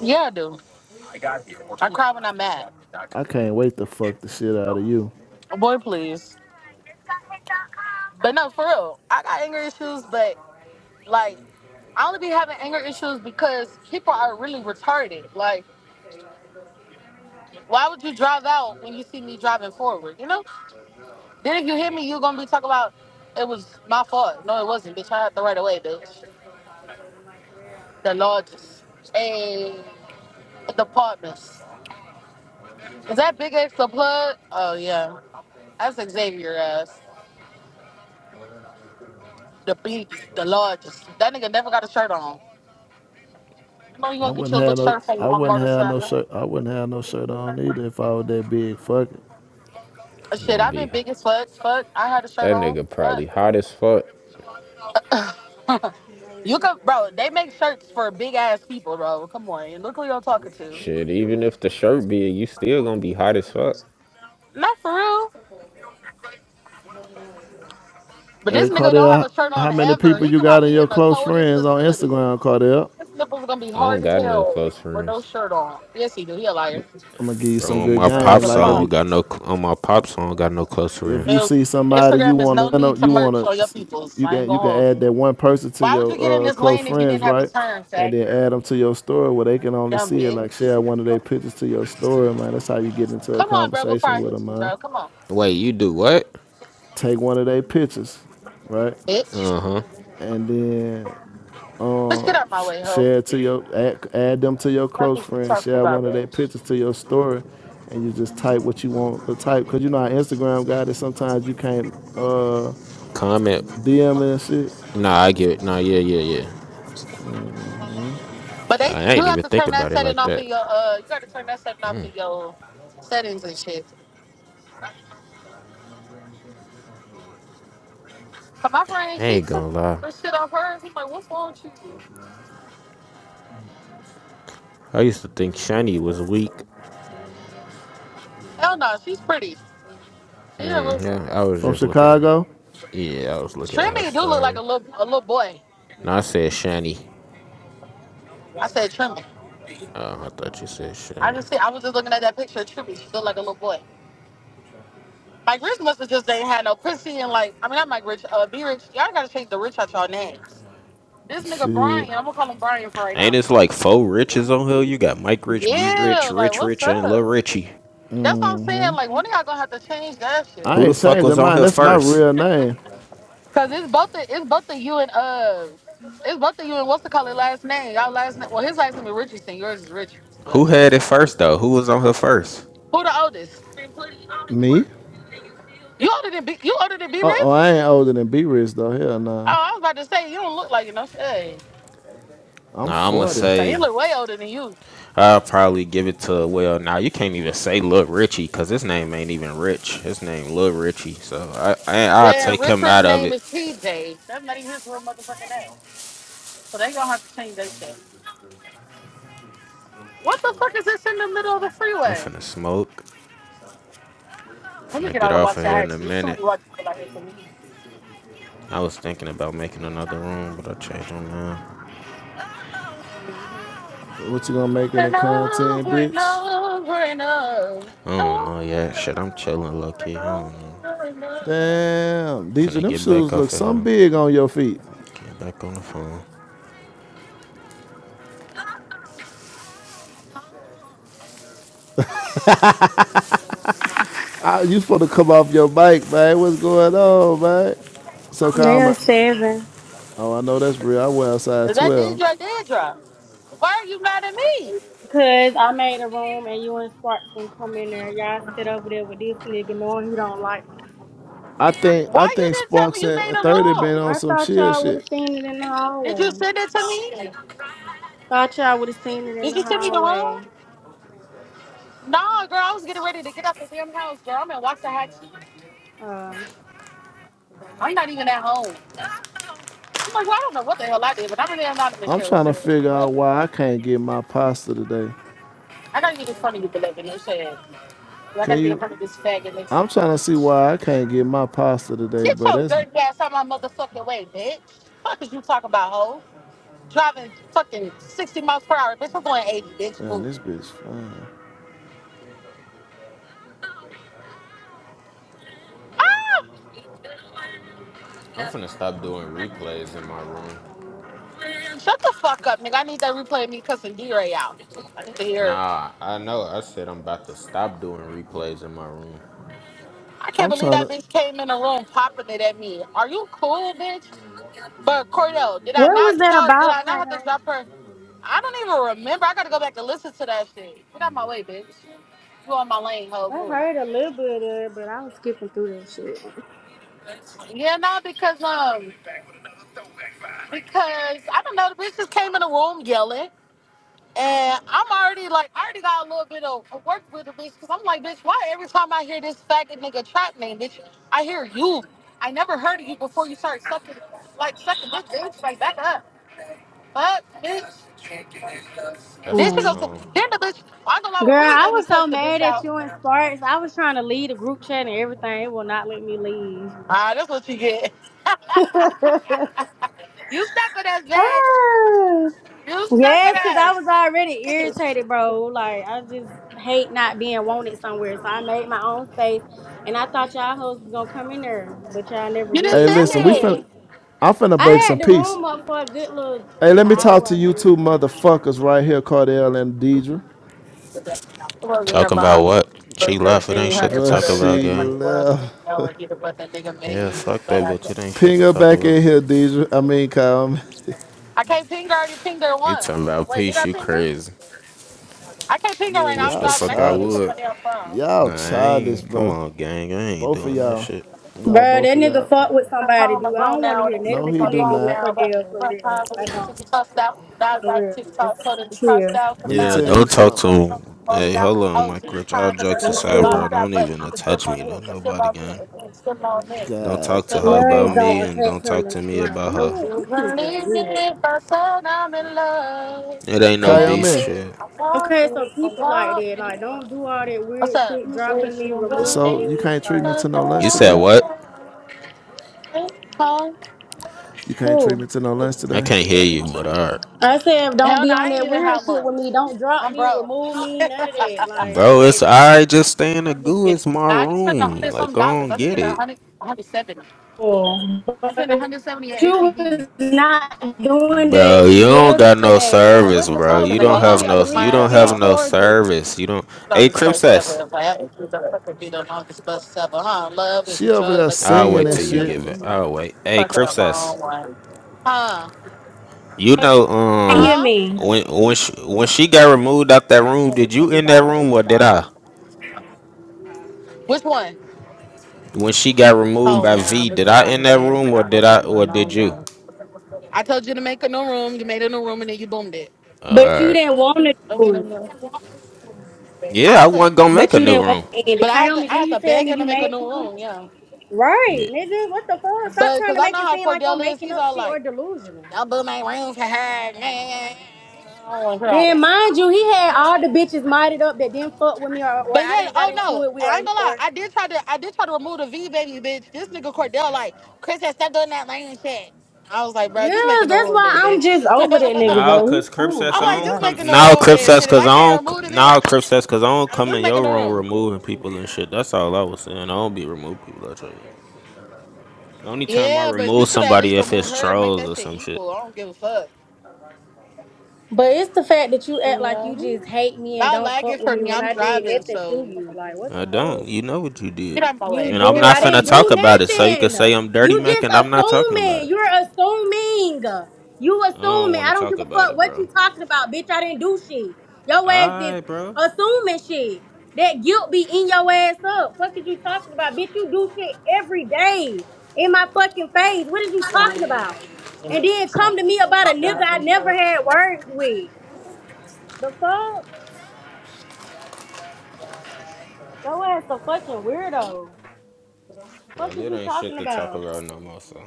[SPEAKER 4] Yeah, I do. I cry when I'm mad.
[SPEAKER 1] I can't wait to fuck the shit out of you.
[SPEAKER 4] Boy, please. But no, for real, I got anger issues, but like, I only be having anger issues because people are really retarded. Like, why would you drive out when you see me driving forward? You know? Then if you hit me, you're gonna be talking about it was my fault. No, it wasn't, bitch. I had the right of way, bitch. The largest and the partners. Is that Big X the plug? Oh yeah, that's Xavier ass. The big, the largest. That nigga never got a shirt on. You know you
[SPEAKER 1] I
[SPEAKER 4] gonna get
[SPEAKER 1] wouldn't
[SPEAKER 4] your little
[SPEAKER 1] have no
[SPEAKER 4] shirt from
[SPEAKER 1] I wouldn't
[SPEAKER 4] Walmart or
[SPEAKER 1] have no
[SPEAKER 4] something.
[SPEAKER 1] shirt I wouldn't have no shirt on either if I was that big. Fuck it.
[SPEAKER 4] Uh, Shit,
[SPEAKER 3] gonna
[SPEAKER 4] I've been
[SPEAKER 3] be
[SPEAKER 4] big as fuck. Fuck, I had a shirt
[SPEAKER 3] that
[SPEAKER 4] on.
[SPEAKER 3] nigga
[SPEAKER 4] Fuck.
[SPEAKER 3] probably hot as fuck.
[SPEAKER 4] you could, bro. They make shirts for big ass people, bro. Come on, look who you're talking to.
[SPEAKER 3] Shit, even if the shirt be, you still gonna be hot as fuck.
[SPEAKER 4] Not for real. But this
[SPEAKER 1] Hey
[SPEAKER 4] nigga don't have
[SPEAKER 1] Cardell,
[SPEAKER 4] a shirt on
[SPEAKER 1] how many
[SPEAKER 4] ever.
[SPEAKER 1] people
[SPEAKER 4] He
[SPEAKER 1] you
[SPEAKER 4] could
[SPEAKER 1] got in
[SPEAKER 4] probably be
[SPEAKER 1] your
[SPEAKER 4] in the
[SPEAKER 1] close
[SPEAKER 4] coldest
[SPEAKER 1] friends on
[SPEAKER 4] facility.
[SPEAKER 1] Instagram, Cardell?
[SPEAKER 4] His nipples gonna be
[SPEAKER 3] I
[SPEAKER 4] hard
[SPEAKER 3] don't
[SPEAKER 4] as
[SPEAKER 3] got no
[SPEAKER 4] hell
[SPEAKER 3] close
[SPEAKER 4] with no
[SPEAKER 3] friends.
[SPEAKER 4] shirt on. Yes, he do. He a liar.
[SPEAKER 1] I'm gonna give you
[SPEAKER 3] Bro,
[SPEAKER 1] some
[SPEAKER 3] on
[SPEAKER 1] good
[SPEAKER 3] my
[SPEAKER 1] game.
[SPEAKER 4] The
[SPEAKER 3] pops, I
[SPEAKER 1] Like if
[SPEAKER 4] top.
[SPEAKER 3] don't
[SPEAKER 1] you
[SPEAKER 3] got no. On my pops, I don't got no close
[SPEAKER 1] if you
[SPEAKER 3] friends.
[SPEAKER 4] Well,
[SPEAKER 1] see somebody you
[SPEAKER 4] Instagram is
[SPEAKER 1] wanna
[SPEAKER 4] no
[SPEAKER 1] you know,
[SPEAKER 4] need to
[SPEAKER 1] you
[SPEAKER 4] merch
[SPEAKER 1] wanna
[SPEAKER 4] on your peoples.
[SPEAKER 1] you
[SPEAKER 4] I ain't
[SPEAKER 1] can you
[SPEAKER 4] gonna
[SPEAKER 1] can
[SPEAKER 4] hold
[SPEAKER 1] add
[SPEAKER 4] you.
[SPEAKER 1] that one person to
[SPEAKER 4] Why would you get in
[SPEAKER 1] your uh,
[SPEAKER 4] this
[SPEAKER 1] close
[SPEAKER 4] lane if you
[SPEAKER 1] friends,
[SPEAKER 4] didn't have
[SPEAKER 1] right?
[SPEAKER 4] to turn,
[SPEAKER 1] And
[SPEAKER 4] Sag?
[SPEAKER 1] then add them to your story where they can only
[SPEAKER 4] Dumb
[SPEAKER 1] see it.
[SPEAKER 4] bitch.
[SPEAKER 1] Like share one of their pictures to your story, man. That's how you get into a
[SPEAKER 4] Come on, bro, before
[SPEAKER 1] conversation
[SPEAKER 4] I
[SPEAKER 1] with
[SPEAKER 4] hit
[SPEAKER 1] them,
[SPEAKER 4] you,
[SPEAKER 1] man.
[SPEAKER 4] bro. Come on,
[SPEAKER 3] Wait, you do what?
[SPEAKER 1] Take one of their pictures, right?
[SPEAKER 4] bitch.
[SPEAKER 3] Uh huh.
[SPEAKER 1] And then
[SPEAKER 4] Bitch, get
[SPEAKER 1] um
[SPEAKER 4] out my
[SPEAKER 1] sh-
[SPEAKER 4] way, ho.
[SPEAKER 1] share it to your add, add them to your
[SPEAKER 4] Fuck
[SPEAKER 1] close
[SPEAKER 4] what you
[SPEAKER 1] friends
[SPEAKER 4] talking
[SPEAKER 1] share
[SPEAKER 4] about,
[SPEAKER 1] one of their
[SPEAKER 4] bitch.
[SPEAKER 1] pictures to your story and you just type what you want to type because you know how instagram got it sometimes you can't uh
[SPEAKER 3] Comment.
[SPEAKER 1] dm and shit
[SPEAKER 3] Nah, I get it. Nah, yeah, yeah, yeah.
[SPEAKER 4] But
[SPEAKER 3] Nah,
[SPEAKER 4] they,
[SPEAKER 3] I
[SPEAKER 4] you
[SPEAKER 3] ain't
[SPEAKER 4] have
[SPEAKER 3] even
[SPEAKER 4] to
[SPEAKER 3] think
[SPEAKER 4] turn that
[SPEAKER 3] about it
[SPEAKER 4] setting
[SPEAKER 3] like
[SPEAKER 4] off
[SPEAKER 3] that.
[SPEAKER 4] in your, uh, you got to turn that setting off in your settings and shit. Come my friend,
[SPEAKER 3] I
[SPEAKER 4] ain't she
[SPEAKER 3] ain't
[SPEAKER 4] took
[SPEAKER 3] gonna lie.
[SPEAKER 4] the shit off hers. He's like, what's wrong with you?
[SPEAKER 3] I used to think Shiny was weak.
[SPEAKER 4] Hell no, she's pretty. She a little,
[SPEAKER 3] Mm, yeah, I was
[SPEAKER 1] from
[SPEAKER 3] just looking at.
[SPEAKER 1] chicago
[SPEAKER 3] Yeah, I was looking at her
[SPEAKER 4] Trimmy do look like a
[SPEAKER 3] story.
[SPEAKER 4] little, a little boy.
[SPEAKER 3] Now I said Shani.
[SPEAKER 4] I said Trimmy.
[SPEAKER 3] Oh, I thought you said
[SPEAKER 4] I
[SPEAKER 3] shiny.
[SPEAKER 4] just see. I was just looking at that picture of Trippy. She looked like a little boy. Mike Rich must have just ain't had no pussy and like. I mean, not Mike Rich. Uh, B Rich. Y'all gotta change the Rich out y'all names. This nigga
[SPEAKER 1] shit
[SPEAKER 4] Brian. I'm gonna call him Brian for right
[SPEAKER 3] Ain't
[SPEAKER 4] now.
[SPEAKER 3] it's like four riches on here? You got Mike Rich, B Rich,
[SPEAKER 4] Yeah. Like,
[SPEAKER 3] Rich
[SPEAKER 4] what's
[SPEAKER 3] Rich, and Lil
[SPEAKER 4] up?
[SPEAKER 3] Richie.
[SPEAKER 4] That's what I'm
[SPEAKER 1] hmm
[SPEAKER 4] saying. Like, when are y'all gonna have to change that shit?
[SPEAKER 3] Who
[SPEAKER 1] i
[SPEAKER 3] the
[SPEAKER 1] ain't
[SPEAKER 3] fuck
[SPEAKER 1] changing
[SPEAKER 3] was on
[SPEAKER 1] mine
[SPEAKER 3] here
[SPEAKER 1] that's my
[SPEAKER 3] first?
[SPEAKER 1] real name
[SPEAKER 4] Cause it's both the it's both the you and uh, it's both the you and what's the call it last name? Y'all last name. Well, his last name is Richardson. Yours is Richards. But
[SPEAKER 3] Who had it first though? Who was on here first?
[SPEAKER 4] who the oldest?
[SPEAKER 1] me
[SPEAKER 4] You older than B? You older than B
[SPEAKER 1] uh-oh
[SPEAKER 4] Rich?
[SPEAKER 1] i ain't older than b-riz though hell
[SPEAKER 4] Oh,
[SPEAKER 1] nah
[SPEAKER 4] I was about to say you don't look like it. No shade.
[SPEAKER 1] i'm
[SPEAKER 3] Nah, I'ma
[SPEAKER 1] 40
[SPEAKER 4] He
[SPEAKER 3] say
[SPEAKER 4] look way older than you.
[SPEAKER 3] I'll probably give it to well. Nah, you can't even say Lil Richie because his name ain't even Rich. His name Lil Richie. So I, I I'll
[SPEAKER 4] Yeah,
[SPEAKER 3] take him
[SPEAKER 4] Richard's
[SPEAKER 3] out of
[SPEAKER 4] name
[SPEAKER 3] it.
[SPEAKER 4] is T J. That's not even his real motherfucking name. So they gonna have to change that shit. What the fuck is this in the middle of the
[SPEAKER 3] I'm
[SPEAKER 4] freeway?
[SPEAKER 3] finna smoke. I'm
[SPEAKER 4] Let me
[SPEAKER 3] finna
[SPEAKER 4] get
[SPEAKER 3] get
[SPEAKER 4] out and
[SPEAKER 3] off
[SPEAKER 4] watch
[SPEAKER 3] of
[SPEAKER 4] the
[SPEAKER 3] here in
[SPEAKER 4] hatches.
[SPEAKER 3] a
[SPEAKER 4] There's so
[SPEAKER 3] minute.
[SPEAKER 4] many white people out here for me.
[SPEAKER 3] I was thinking about making another room, but I changed my mind.
[SPEAKER 1] what you gonna make
[SPEAKER 4] Over
[SPEAKER 1] in the
[SPEAKER 4] and
[SPEAKER 1] content
[SPEAKER 4] over and
[SPEAKER 1] bitch
[SPEAKER 4] over and over.
[SPEAKER 3] I don't
[SPEAKER 4] Over
[SPEAKER 3] know yet.
[SPEAKER 4] and
[SPEAKER 3] Shit, I'm chilling low
[SPEAKER 4] over and
[SPEAKER 3] key. I don't even
[SPEAKER 4] over and over.
[SPEAKER 1] Damn, these and
[SPEAKER 3] Finna
[SPEAKER 1] them
[SPEAKER 3] get
[SPEAKER 1] shoes
[SPEAKER 3] back
[SPEAKER 1] look
[SPEAKER 3] off of
[SPEAKER 1] some
[SPEAKER 3] here.
[SPEAKER 1] big on your feet.
[SPEAKER 3] Get back on the phone.
[SPEAKER 1] I, you supposed to come off your bike, man. What's going on, man? So
[SPEAKER 5] They
[SPEAKER 1] calm.
[SPEAKER 5] are seven.
[SPEAKER 1] Oh, I know that's real. I wear a size
[SPEAKER 4] Is that
[SPEAKER 1] twelve.
[SPEAKER 4] Deidre Deidre? Why are you mad at me?
[SPEAKER 5] Cause I made a room and you and Sparks can come in there. Y'all sit over there with this nigga knowing he don't like me.
[SPEAKER 1] I think I
[SPEAKER 4] Why you
[SPEAKER 1] think
[SPEAKER 4] didn't tell me
[SPEAKER 1] Sparks
[SPEAKER 4] you made
[SPEAKER 1] and
[SPEAKER 4] a
[SPEAKER 1] Thirty been
[SPEAKER 4] room?
[SPEAKER 1] on
[SPEAKER 5] I
[SPEAKER 1] some
[SPEAKER 5] thought
[SPEAKER 1] chill
[SPEAKER 5] y'all would
[SPEAKER 1] shit.
[SPEAKER 5] have seen it in the
[SPEAKER 4] Did you
[SPEAKER 5] hallway.
[SPEAKER 4] send it to me?
[SPEAKER 5] Thought y'all would have seen it in
[SPEAKER 4] Did
[SPEAKER 5] the
[SPEAKER 4] you send me the room?
[SPEAKER 5] hallway.
[SPEAKER 4] Nah, girl, I was getting ready to get out the damn house, girl. I'm gonna watch the Waxahachie.
[SPEAKER 5] Um,
[SPEAKER 4] I'm not even at home. I'm like, well, I don't know what the hell I did, but I'm really anonymous
[SPEAKER 1] I'm
[SPEAKER 4] show.
[SPEAKER 1] trying to figure out
[SPEAKER 4] But
[SPEAKER 1] why I can't get my pasta today.
[SPEAKER 4] I gotta get in front of you, beloved. No shade. I
[SPEAKER 1] Can
[SPEAKER 4] gotta get in
[SPEAKER 1] you?
[SPEAKER 4] front of this faggot next to
[SPEAKER 1] I'm trying to see why I can't get my pasta today,
[SPEAKER 4] Get
[SPEAKER 1] bro.
[SPEAKER 4] your
[SPEAKER 1] That's
[SPEAKER 4] dirty ass out my motherfucking way, bitch. Fuck is you talking about, hoe? Driving fucking 60 miles per hour, bitch. I'm going 80, bitch.
[SPEAKER 1] damn,
[SPEAKER 4] Move.
[SPEAKER 1] this bitch fine.
[SPEAKER 4] Ah!
[SPEAKER 3] I'm finna stop doing replays in my room.
[SPEAKER 4] Shut the fuck up, nigga. I need that replay of me cussing D-Ray out. I need to hear it.
[SPEAKER 3] Nah, I know. I said I'm about to stop doing replays in my room.
[SPEAKER 4] I can't
[SPEAKER 1] I'm
[SPEAKER 4] believe
[SPEAKER 1] trying
[SPEAKER 4] that
[SPEAKER 1] to.
[SPEAKER 4] bitch came in the room popping it at me. Are you cool, bitch? But Cordell, did
[SPEAKER 5] what
[SPEAKER 4] I not
[SPEAKER 5] was that
[SPEAKER 4] tell? Did
[SPEAKER 5] about,
[SPEAKER 4] I not have to
[SPEAKER 5] Coyote?
[SPEAKER 4] drop her? I don't even remember. I gotta go back and listen to that shit. Get out my way, bitch. You on my lane, hoe
[SPEAKER 5] I
[SPEAKER 4] move.
[SPEAKER 5] heard a little bit of it, but I was skipping through that shit.
[SPEAKER 4] Yeah, no, because um because I don't know, the bitch just came in the room yelling. And I'm already like, I already got a little bit of of work with the bitch because I'm like, bitch, why every time I hear this faggot nigga trap name, bitch, I hear you. I never heard of you before you started sucking, like sucking dick, bitch. Like back up, fuck, bitch.
[SPEAKER 3] That's
[SPEAKER 4] Then
[SPEAKER 3] my
[SPEAKER 4] she goes,
[SPEAKER 5] Hmm.
[SPEAKER 3] song.
[SPEAKER 4] then the bitch. I don't know
[SPEAKER 5] Girl,
[SPEAKER 4] what really
[SPEAKER 5] I
[SPEAKER 4] made me
[SPEAKER 5] was
[SPEAKER 4] cuss
[SPEAKER 5] so
[SPEAKER 4] the bitch
[SPEAKER 5] mad at
[SPEAKER 4] out.
[SPEAKER 5] you and Sparks. I was trying to leave the group chat and everything. It will not let me leave.
[SPEAKER 4] Ah, that's what you get. You stuck with us, bitch.
[SPEAKER 5] Ah.
[SPEAKER 4] You stuck with
[SPEAKER 5] Yes, because I was
[SPEAKER 4] us.
[SPEAKER 5] already irritated, bro. Like, I just hate not being wanted somewhere. So I made my own space, and I thought y'all hoes was going to come in there, but y'all never
[SPEAKER 4] You didn't
[SPEAKER 1] Hey,
[SPEAKER 5] did. I
[SPEAKER 4] send
[SPEAKER 1] listen,
[SPEAKER 5] had
[SPEAKER 1] we
[SPEAKER 5] the
[SPEAKER 1] finna,
[SPEAKER 5] room.
[SPEAKER 4] it.
[SPEAKER 1] I'm finna
[SPEAKER 5] I
[SPEAKER 1] bake some
[SPEAKER 5] had the
[SPEAKER 1] peace.
[SPEAKER 5] room up for a good little
[SPEAKER 1] Hey, let me talk to
[SPEAKER 5] hour.
[SPEAKER 1] you two motherfuckers right here, Cardell and Deidre.
[SPEAKER 4] I don't
[SPEAKER 3] Talk
[SPEAKER 4] remember how
[SPEAKER 3] about
[SPEAKER 4] much
[SPEAKER 3] what? She
[SPEAKER 4] because
[SPEAKER 3] left. It
[SPEAKER 4] he
[SPEAKER 3] ain't shit
[SPEAKER 4] had
[SPEAKER 3] to
[SPEAKER 4] it
[SPEAKER 1] But
[SPEAKER 4] for
[SPEAKER 3] talk
[SPEAKER 4] the
[SPEAKER 3] about,
[SPEAKER 4] red
[SPEAKER 1] she
[SPEAKER 3] gang.
[SPEAKER 4] money was. I
[SPEAKER 1] left.
[SPEAKER 4] didn't know either what that nigga
[SPEAKER 3] Yeah,
[SPEAKER 4] made,
[SPEAKER 3] fuck
[SPEAKER 4] but
[SPEAKER 3] that
[SPEAKER 4] I
[SPEAKER 3] bitch. It ain't shit
[SPEAKER 1] Ping
[SPEAKER 3] to
[SPEAKER 1] her
[SPEAKER 3] talk
[SPEAKER 1] back
[SPEAKER 3] about.
[SPEAKER 1] in here, Deidre. I mean, Kyle.
[SPEAKER 4] I can't ping her. I already pinged her
[SPEAKER 3] You talking
[SPEAKER 4] once.
[SPEAKER 3] about
[SPEAKER 4] Wait, did
[SPEAKER 3] peace?
[SPEAKER 4] I
[SPEAKER 3] You
[SPEAKER 4] ping her?
[SPEAKER 3] crazy?
[SPEAKER 4] I can't ping her
[SPEAKER 1] Yeah,
[SPEAKER 4] right now. I'm
[SPEAKER 3] Wish the
[SPEAKER 1] y'all
[SPEAKER 4] driving. I
[SPEAKER 3] fuck I
[SPEAKER 4] can't even
[SPEAKER 1] childish.
[SPEAKER 4] touch my
[SPEAKER 3] would.
[SPEAKER 4] damn phone.
[SPEAKER 1] Y'all
[SPEAKER 3] Nah, I
[SPEAKER 1] childish,
[SPEAKER 3] ain't. Come
[SPEAKER 1] bro.
[SPEAKER 3] on, gang. I ain't
[SPEAKER 1] Both of
[SPEAKER 3] doing that
[SPEAKER 1] y'all.
[SPEAKER 3] shit.
[SPEAKER 5] Bro,
[SPEAKER 1] No,
[SPEAKER 5] that
[SPEAKER 1] both of
[SPEAKER 5] nigga
[SPEAKER 1] y'all.
[SPEAKER 5] fuck with
[SPEAKER 4] I'm
[SPEAKER 5] somebody,
[SPEAKER 4] home. I'm
[SPEAKER 5] dude. I
[SPEAKER 4] home
[SPEAKER 5] don't want to
[SPEAKER 4] now.
[SPEAKER 5] hear
[SPEAKER 4] They still
[SPEAKER 1] No,
[SPEAKER 5] nothing
[SPEAKER 4] with
[SPEAKER 1] he
[SPEAKER 4] my
[SPEAKER 1] do
[SPEAKER 5] connected
[SPEAKER 4] phone
[SPEAKER 5] with
[SPEAKER 1] not.
[SPEAKER 4] now. But for
[SPEAKER 5] Cordell,
[SPEAKER 4] the
[SPEAKER 5] for
[SPEAKER 4] first
[SPEAKER 5] real.
[SPEAKER 4] time really
[SPEAKER 5] I don't.
[SPEAKER 4] took the tossed out. Now I
[SPEAKER 5] For
[SPEAKER 4] like
[SPEAKER 5] real. Just
[SPEAKER 4] TikTok totally crossed
[SPEAKER 5] chill.
[SPEAKER 4] out. Cause
[SPEAKER 1] Let me
[SPEAKER 4] now
[SPEAKER 3] Yeah,
[SPEAKER 4] I'm
[SPEAKER 1] tell
[SPEAKER 4] in the
[SPEAKER 1] you
[SPEAKER 3] don't talk
[SPEAKER 4] position
[SPEAKER 3] to.
[SPEAKER 1] something.
[SPEAKER 4] of
[SPEAKER 3] him.
[SPEAKER 4] lost
[SPEAKER 3] Hey,
[SPEAKER 4] out.
[SPEAKER 3] hold on,
[SPEAKER 4] Oh,
[SPEAKER 3] Mike
[SPEAKER 4] geez,
[SPEAKER 3] Rich. All
[SPEAKER 4] crying because I
[SPEAKER 3] jokes
[SPEAKER 5] I'm
[SPEAKER 4] know they
[SPEAKER 3] aside,
[SPEAKER 5] chilling.
[SPEAKER 3] bro.
[SPEAKER 4] lost out.
[SPEAKER 3] Don't
[SPEAKER 4] But
[SPEAKER 3] even
[SPEAKER 4] it's still
[SPEAKER 3] attach
[SPEAKER 4] on
[SPEAKER 3] me to
[SPEAKER 4] you. It's still
[SPEAKER 3] nobody,
[SPEAKER 4] on
[SPEAKER 3] gang.
[SPEAKER 4] me. It's still on me.
[SPEAKER 3] Don't
[SPEAKER 4] It's
[SPEAKER 3] talk
[SPEAKER 1] God
[SPEAKER 4] Still
[SPEAKER 3] to her
[SPEAKER 1] damn.
[SPEAKER 4] on you.
[SPEAKER 3] about
[SPEAKER 5] Larry's
[SPEAKER 4] I'm
[SPEAKER 3] me
[SPEAKER 5] don't
[SPEAKER 4] saying.
[SPEAKER 3] and
[SPEAKER 5] attack
[SPEAKER 3] don't talk
[SPEAKER 5] him
[SPEAKER 3] to me
[SPEAKER 5] like,
[SPEAKER 3] about
[SPEAKER 4] Would
[SPEAKER 3] her.
[SPEAKER 5] what?
[SPEAKER 4] you
[SPEAKER 5] This nigga
[SPEAKER 4] believe
[SPEAKER 5] weird.
[SPEAKER 4] if I said I'm in love,
[SPEAKER 3] It ain't no
[SPEAKER 1] Kyle,
[SPEAKER 3] beef
[SPEAKER 1] man.
[SPEAKER 4] baby?
[SPEAKER 3] shit.
[SPEAKER 4] I want
[SPEAKER 5] Okay, so
[SPEAKER 4] you. I
[SPEAKER 5] keep it like
[SPEAKER 4] want
[SPEAKER 5] that.
[SPEAKER 4] you.
[SPEAKER 5] Like, don't do all that
[SPEAKER 4] What's
[SPEAKER 5] weird
[SPEAKER 4] up?
[SPEAKER 5] shit,
[SPEAKER 4] Would
[SPEAKER 5] dropping me,
[SPEAKER 4] you
[SPEAKER 5] removing
[SPEAKER 1] So
[SPEAKER 4] believe
[SPEAKER 1] you
[SPEAKER 5] me.
[SPEAKER 1] can't treat
[SPEAKER 4] if
[SPEAKER 1] me
[SPEAKER 4] I
[SPEAKER 5] Like,
[SPEAKER 1] to
[SPEAKER 4] said
[SPEAKER 1] no lunch
[SPEAKER 3] You said
[SPEAKER 4] I'm
[SPEAKER 1] today?
[SPEAKER 4] in
[SPEAKER 3] what?
[SPEAKER 4] love? It's home.
[SPEAKER 1] You can't
[SPEAKER 5] who?
[SPEAKER 1] treat me to no lunch
[SPEAKER 3] I
[SPEAKER 1] today?
[SPEAKER 3] can't hear you, but alright.
[SPEAKER 5] I said, don't
[SPEAKER 4] Hell
[SPEAKER 5] be
[SPEAKER 4] no,
[SPEAKER 5] on
[SPEAKER 4] I ain't
[SPEAKER 5] that
[SPEAKER 4] even
[SPEAKER 5] weird
[SPEAKER 4] have
[SPEAKER 5] shit
[SPEAKER 4] much.
[SPEAKER 5] with me. Don't drop
[SPEAKER 4] I'm
[SPEAKER 5] me,
[SPEAKER 4] broke.
[SPEAKER 5] remove me, none of that. Like,
[SPEAKER 3] Bro, it's alright just stay in the
[SPEAKER 4] I'm just
[SPEAKER 3] goo.
[SPEAKER 4] kidding.
[SPEAKER 3] It's my
[SPEAKER 4] Nah, I just spent a
[SPEAKER 3] room.
[SPEAKER 4] hundred
[SPEAKER 3] Like,
[SPEAKER 4] some
[SPEAKER 3] I
[SPEAKER 4] dollars.
[SPEAKER 3] don't
[SPEAKER 4] I think
[SPEAKER 3] get
[SPEAKER 4] spent a
[SPEAKER 3] it.
[SPEAKER 4] hundred, a hundred seventy.
[SPEAKER 5] oh,
[SPEAKER 4] I spent a
[SPEAKER 5] but
[SPEAKER 4] hundred seventy at
[SPEAKER 5] you
[SPEAKER 4] HEB.
[SPEAKER 5] was not doing that
[SPEAKER 3] Bro, you don't got no
[SPEAKER 5] yesterday. Like,
[SPEAKER 3] service,
[SPEAKER 5] what the
[SPEAKER 4] I'm
[SPEAKER 3] bro.
[SPEAKER 5] fuck?
[SPEAKER 3] You
[SPEAKER 4] finna
[SPEAKER 5] We
[SPEAKER 3] don't
[SPEAKER 4] go home
[SPEAKER 3] have
[SPEAKER 5] literally
[SPEAKER 4] and
[SPEAKER 3] no
[SPEAKER 4] cook my
[SPEAKER 3] you
[SPEAKER 5] agreed to
[SPEAKER 3] don't
[SPEAKER 4] ass
[SPEAKER 5] being
[SPEAKER 3] have
[SPEAKER 4] off.
[SPEAKER 3] no
[SPEAKER 5] cordial.
[SPEAKER 3] service. You don't
[SPEAKER 4] It's on
[SPEAKER 3] Hey
[SPEAKER 4] this first ever.
[SPEAKER 3] Cripsess.
[SPEAKER 4] If I ever do the fucking be the longest bus ever, huh? Love is
[SPEAKER 1] She over
[SPEAKER 4] enjoyed
[SPEAKER 1] there
[SPEAKER 4] like a show.
[SPEAKER 3] I'll
[SPEAKER 1] singing
[SPEAKER 3] wait
[SPEAKER 1] and
[SPEAKER 3] till you
[SPEAKER 1] shit.
[SPEAKER 3] get back. I'll wait. Hey
[SPEAKER 4] Fucking the
[SPEAKER 3] Cripsess.
[SPEAKER 4] wrong one. Huh?
[SPEAKER 3] You know,
[SPEAKER 5] Can't
[SPEAKER 3] um
[SPEAKER 5] hear
[SPEAKER 4] Huh?
[SPEAKER 5] me.
[SPEAKER 3] when when she, when she got removed out that room, did you in that
[SPEAKER 4] $125.
[SPEAKER 3] room or did I?
[SPEAKER 4] Which one?
[SPEAKER 3] When she got removed
[SPEAKER 4] Oh,
[SPEAKER 3] by
[SPEAKER 4] now I'm
[SPEAKER 3] V, did
[SPEAKER 4] just
[SPEAKER 3] I
[SPEAKER 4] find a
[SPEAKER 3] in that
[SPEAKER 4] man,
[SPEAKER 3] room
[SPEAKER 4] but
[SPEAKER 3] or
[SPEAKER 4] I
[SPEAKER 3] did
[SPEAKER 4] hope you
[SPEAKER 3] I or did
[SPEAKER 4] alone now.
[SPEAKER 3] you?
[SPEAKER 4] I told you to make a new room. You made a new room, and then you boomed it.
[SPEAKER 3] All
[SPEAKER 5] But you
[SPEAKER 3] right.
[SPEAKER 5] didn't want to
[SPEAKER 4] Okay,
[SPEAKER 5] do
[SPEAKER 4] no,
[SPEAKER 5] it.
[SPEAKER 4] no. I
[SPEAKER 3] Yeah, I
[SPEAKER 4] had to,
[SPEAKER 3] wasn't gonna make
[SPEAKER 5] But
[SPEAKER 3] a
[SPEAKER 5] you
[SPEAKER 3] new
[SPEAKER 5] didn't want
[SPEAKER 3] room.
[SPEAKER 5] to end
[SPEAKER 4] but
[SPEAKER 5] it.
[SPEAKER 4] I had
[SPEAKER 5] Kayomi,
[SPEAKER 4] to, I
[SPEAKER 5] didn't
[SPEAKER 4] had
[SPEAKER 5] you
[SPEAKER 4] to
[SPEAKER 5] tell
[SPEAKER 4] beg
[SPEAKER 5] me
[SPEAKER 4] him
[SPEAKER 5] you
[SPEAKER 4] to make a
[SPEAKER 5] made
[SPEAKER 4] new
[SPEAKER 5] him?
[SPEAKER 4] room. Yeah,
[SPEAKER 5] Right,
[SPEAKER 3] Yeah.
[SPEAKER 5] nigga. What the fuck? Stop
[SPEAKER 4] but
[SPEAKER 5] trying
[SPEAKER 4] because
[SPEAKER 5] to
[SPEAKER 4] I know
[SPEAKER 5] make it
[SPEAKER 4] how
[SPEAKER 5] seem like I'm
[SPEAKER 4] Cordell is,
[SPEAKER 5] making
[SPEAKER 4] he's
[SPEAKER 5] up
[SPEAKER 4] all
[SPEAKER 5] shit or
[SPEAKER 4] like,
[SPEAKER 5] delusional.
[SPEAKER 4] "Don't boom my room for her." I don't want to hear all
[SPEAKER 5] Then
[SPEAKER 4] that.
[SPEAKER 5] mind you, he had all the bitches mighted up that didn't fuck with me or, or
[SPEAKER 4] But
[SPEAKER 5] I
[SPEAKER 4] yeah,
[SPEAKER 5] didn't got
[SPEAKER 4] oh
[SPEAKER 5] into
[SPEAKER 4] no,
[SPEAKER 5] it with
[SPEAKER 4] and I
[SPEAKER 5] or
[SPEAKER 4] ain't gonna lie.
[SPEAKER 5] or
[SPEAKER 4] I did try to, I did try to remove the V baby bitch. This nigga Cordell like, Chris has stop doing that lame shit. I was like, bro, just make
[SPEAKER 5] yeah,
[SPEAKER 4] a new
[SPEAKER 5] that's
[SPEAKER 4] room
[SPEAKER 5] why
[SPEAKER 4] then,
[SPEAKER 5] I'm
[SPEAKER 4] bitch.
[SPEAKER 5] just over that nigga,
[SPEAKER 3] No,
[SPEAKER 5] bro.
[SPEAKER 3] cause Crip says
[SPEAKER 4] I'm
[SPEAKER 3] I
[SPEAKER 5] Oh
[SPEAKER 4] like,
[SPEAKER 3] don't
[SPEAKER 4] just
[SPEAKER 5] god.
[SPEAKER 3] come.
[SPEAKER 4] make a new
[SPEAKER 3] No,
[SPEAKER 4] room
[SPEAKER 3] Crip
[SPEAKER 4] then,
[SPEAKER 3] says
[SPEAKER 4] shit. If
[SPEAKER 3] cause
[SPEAKER 4] I
[SPEAKER 3] I
[SPEAKER 4] can't
[SPEAKER 3] don't.
[SPEAKER 4] remove the
[SPEAKER 3] No,
[SPEAKER 4] bitch,
[SPEAKER 3] Crip says cause I don't
[SPEAKER 4] I-
[SPEAKER 3] come
[SPEAKER 4] just
[SPEAKER 3] in
[SPEAKER 4] make a
[SPEAKER 3] your
[SPEAKER 4] new
[SPEAKER 3] room
[SPEAKER 4] room.
[SPEAKER 3] removing people and shit. That's all I was saying. I don't be removing people out your room. The only time I
[SPEAKER 4] Yeah, but you
[SPEAKER 3] remove
[SPEAKER 4] should have at
[SPEAKER 3] somebody
[SPEAKER 4] least
[SPEAKER 3] if
[SPEAKER 4] remove
[SPEAKER 3] it's
[SPEAKER 4] her and make
[SPEAKER 3] trolls
[SPEAKER 4] that
[SPEAKER 3] or
[SPEAKER 4] shit
[SPEAKER 3] some shit.
[SPEAKER 4] equal. I don't give a fuck.
[SPEAKER 5] But it's the fact that you act like
[SPEAKER 4] Yeah.
[SPEAKER 5] you just hate me and
[SPEAKER 4] Y'all
[SPEAKER 5] don't fuck
[SPEAKER 4] lagging
[SPEAKER 5] with
[SPEAKER 4] for
[SPEAKER 5] me
[SPEAKER 4] me.
[SPEAKER 5] when
[SPEAKER 4] I'm
[SPEAKER 5] I did
[SPEAKER 4] driving,
[SPEAKER 5] nothing to
[SPEAKER 4] so
[SPEAKER 5] you. Like what
[SPEAKER 3] I
[SPEAKER 5] the fuck?
[SPEAKER 3] don't. You know what you did.
[SPEAKER 4] get out my
[SPEAKER 5] You
[SPEAKER 4] way.
[SPEAKER 3] And
[SPEAKER 4] I'm
[SPEAKER 3] I'm
[SPEAKER 5] do.
[SPEAKER 4] getting in
[SPEAKER 3] not
[SPEAKER 5] I
[SPEAKER 4] front of
[SPEAKER 3] finna
[SPEAKER 5] didn't
[SPEAKER 4] you,
[SPEAKER 3] talk
[SPEAKER 5] do
[SPEAKER 4] bitch.
[SPEAKER 3] about it. So you can say
[SPEAKER 5] nothing.
[SPEAKER 3] I'm dirty
[SPEAKER 5] You
[SPEAKER 3] Mac
[SPEAKER 5] just
[SPEAKER 3] and I'm not talking about
[SPEAKER 5] assuming.
[SPEAKER 3] it.
[SPEAKER 5] You're assuming. You
[SPEAKER 3] I don't
[SPEAKER 5] assuming. I
[SPEAKER 3] wanna
[SPEAKER 5] don't give
[SPEAKER 3] talk
[SPEAKER 5] a
[SPEAKER 3] about
[SPEAKER 5] fuck
[SPEAKER 3] it,
[SPEAKER 5] what you
[SPEAKER 3] bro.
[SPEAKER 5] talking about, bitch. I didn't do shit. Your ass is
[SPEAKER 3] Alright, bro.
[SPEAKER 5] assuming shit. That guilt be in your ass up. Fuck is you talking about? Bitch, you do shit every day in my fucking face. What is you talking about? And then come to me about a nigga I never had words with. The fuck? Your ass a fucking weirdo. Fuck
[SPEAKER 3] Well,
[SPEAKER 5] is
[SPEAKER 3] it
[SPEAKER 5] you
[SPEAKER 3] ain't shit
[SPEAKER 5] talking
[SPEAKER 3] to talk
[SPEAKER 5] about?
[SPEAKER 3] about no more. So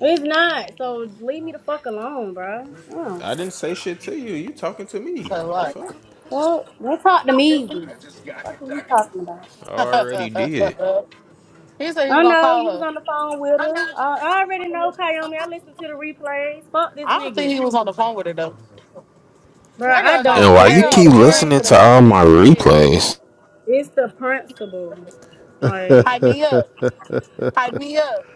[SPEAKER 5] It's not. So leave me the fuck alone, bro. Yeah.
[SPEAKER 3] I didn't say shit to you. You talking to me?
[SPEAKER 4] So
[SPEAKER 3] What the
[SPEAKER 4] what?
[SPEAKER 3] fuck?
[SPEAKER 5] Well, don't talk to me easy. What are you talking about?
[SPEAKER 3] I already did.
[SPEAKER 4] he said he was
[SPEAKER 5] I
[SPEAKER 4] gonna
[SPEAKER 5] know you
[SPEAKER 4] call
[SPEAKER 5] was
[SPEAKER 4] her.
[SPEAKER 5] on the phone with her. I, I already know Kayomi. I listened to the replays. Fuck this
[SPEAKER 4] I don't think
[SPEAKER 5] nigga,
[SPEAKER 4] he was on the phone with her though.
[SPEAKER 5] bro.
[SPEAKER 4] That
[SPEAKER 5] I
[SPEAKER 4] girl got
[SPEAKER 5] don't
[SPEAKER 3] And why
[SPEAKER 4] that
[SPEAKER 5] care.
[SPEAKER 3] you
[SPEAKER 5] It's
[SPEAKER 4] girl
[SPEAKER 3] keep
[SPEAKER 5] the
[SPEAKER 4] married
[SPEAKER 3] listening
[SPEAKER 5] principle.
[SPEAKER 4] with a
[SPEAKER 3] to
[SPEAKER 5] Bro.
[SPEAKER 4] bunch
[SPEAKER 3] all
[SPEAKER 4] of
[SPEAKER 3] my
[SPEAKER 4] damn kids.
[SPEAKER 3] replays?
[SPEAKER 5] It's the principle. Like,
[SPEAKER 4] Hype me up. Hype me up.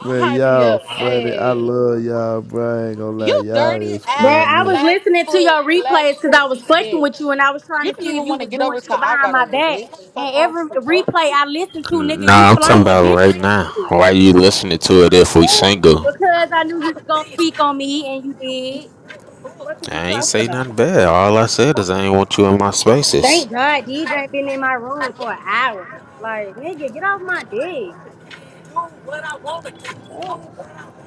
[SPEAKER 1] Man,
[SPEAKER 4] me
[SPEAKER 1] y'all
[SPEAKER 4] up.
[SPEAKER 1] funny. I
[SPEAKER 4] Hey.
[SPEAKER 1] love y'all, bro. I ain't gonna lie,
[SPEAKER 4] You
[SPEAKER 1] y'all
[SPEAKER 4] dirty
[SPEAKER 1] is
[SPEAKER 5] bro,
[SPEAKER 4] ass
[SPEAKER 5] I
[SPEAKER 1] funny.
[SPEAKER 5] was
[SPEAKER 4] black
[SPEAKER 5] listening to
[SPEAKER 4] foot
[SPEAKER 5] your
[SPEAKER 4] black
[SPEAKER 5] replays because I was
[SPEAKER 4] pussy
[SPEAKER 5] fucking with you
[SPEAKER 4] bitch.
[SPEAKER 5] and I was trying
[SPEAKER 4] You
[SPEAKER 5] to
[SPEAKER 4] didn't
[SPEAKER 5] see if
[SPEAKER 4] even
[SPEAKER 5] you
[SPEAKER 4] want to
[SPEAKER 5] was
[SPEAKER 4] get
[SPEAKER 5] doing
[SPEAKER 4] over till
[SPEAKER 5] shit
[SPEAKER 4] I
[SPEAKER 5] behind
[SPEAKER 4] got
[SPEAKER 5] my
[SPEAKER 4] over,
[SPEAKER 5] back.
[SPEAKER 4] bitch.
[SPEAKER 5] And
[SPEAKER 4] Fuck off,
[SPEAKER 5] every
[SPEAKER 4] hoe.
[SPEAKER 5] replay I listened to, nigga, you
[SPEAKER 3] Nah, I'm
[SPEAKER 5] flirting
[SPEAKER 3] talking
[SPEAKER 5] with
[SPEAKER 3] about
[SPEAKER 5] bitches
[SPEAKER 3] right
[SPEAKER 5] and
[SPEAKER 3] now.
[SPEAKER 5] shit.
[SPEAKER 3] Why you listening to it
[SPEAKER 5] The
[SPEAKER 3] if we
[SPEAKER 5] fuck?
[SPEAKER 3] single?
[SPEAKER 5] Because I knew you was gonna speak on me and you did. What is you
[SPEAKER 3] I ain't
[SPEAKER 5] talking
[SPEAKER 3] say nothing
[SPEAKER 5] about?
[SPEAKER 3] bad. All I said is I ain't want you in my spaces.
[SPEAKER 5] Thank God DJ been in my room for an hour. Like, nigga, get off my dick. Fuck.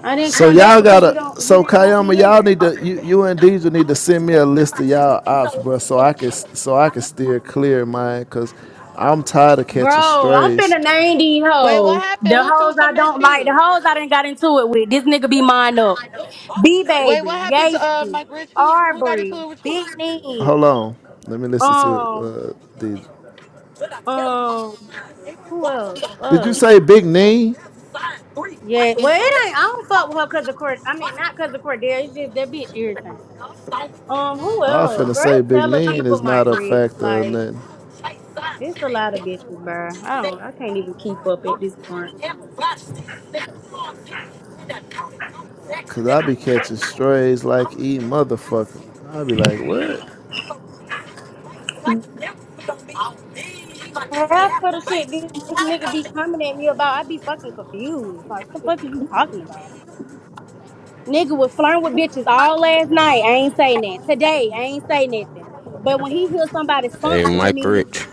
[SPEAKER 5] I didn't
[SPEAKER 1] So
[SPEAKER 5] come back
[SPEAKER 1] y'all
[SPEAKER 5] because you
[SPEAKER 1] gotta.
[SPEAKER 5] don't you
[SPEAKER 1] So
[SPEAKER 5] didn't want
[SPEAKER 1] Kayama,
[SPEAKER 5] me in
[SPEAKER 1] y'all
[SPEAKER 5] there.
[SPEAKER 1] need to. You, you and Deja need to send me a list of y'all ops, bro, so I can so I can steer clear, mine, cause I'm tired of catching
[SPEAKER 5] Bro, I'm
[SPEAKER 1] strays.
[SPEAKER 5] finna name these
[SPEAKER 4] Wait, what
[SPEAKER 5] hoes.
[SPEAKER 4] happened?
[SPEAKER 5] The
[SPEAKER 4] Who threw
[SPEAKER 5] hoes I
[SPEAKER 4] something at
[SPEAKER 5] don't like, the
[SPEAKER 4] you?
[SPEAKER 5] hoes I done got into it with. This nigga be mine up. B
[SPEAKER 4] Wait, what
[SPEAKER 5] Baby,
[SPEAKER 4] happened to uh
[SPEAKER 5] Yacy,
[SPEAKER 4] Mike Rich? Who who got into
[SPEAKER 5] Arbery,
[SPEAKER 4] it with you?
[SPEAKER 5] Big Neen,
[SPEAKER 1] Hold on, let me listen to
[SPEAKER 5] um,
[SPEAKER 1] uh, Deja.
[SPEAKER 5] um, who else?
[SPEAKER 1] Did you
[SPEAKER 5] Fuck.
[SPEAKER 1] say Big Neen?
[SPEAKER 5] Yeah, well, it ain't. I don't fuck with her because of Cord. I mean, not because of Cordell. It's just that bitch irritating. Um, who
[SPEAKER 1] I
[SPEAKER 5] else?
[SPEAKER 1] finna
[SPEAKER 5] Bro,
[SPEAKER 1] say
[SPEAKER 5] it's
[SPEAKER 1] Big
[SPEAKER 5] hella
[SPEAKER 1] Neen
[SPEAKER 5] people
[SPEAKER 1] is not
[SPEAKER 5] might
[SPEAKER 1] a
[SPEAKER 5] read.
[SPEAKER 1] factor or
[SPEAKER 5] Like,
[SPEAKER 1] nothing.
[SPEAKER 5] it's a lot of bitches, bro. I don't. I can't even keep up at this point.
[SPEAKER 1] Cause I be catching strays like E motherfucker. I be like, what?
[SPEAKER 5] Half of the shit this nigga be coming at me about, I be fucking confused. Like, what the fuck is you talking about? Nigga was flirting with bitches all last night. I ain't say nothing. Today, I ain't say nothing. But when he hears somebody
[SPEAKER 3] Hey,
[SPEAKER 5] sponsoring
[SPEAKER 3] Mike
[SPEAKER 5] me,
[SPEAKER 3] Rich.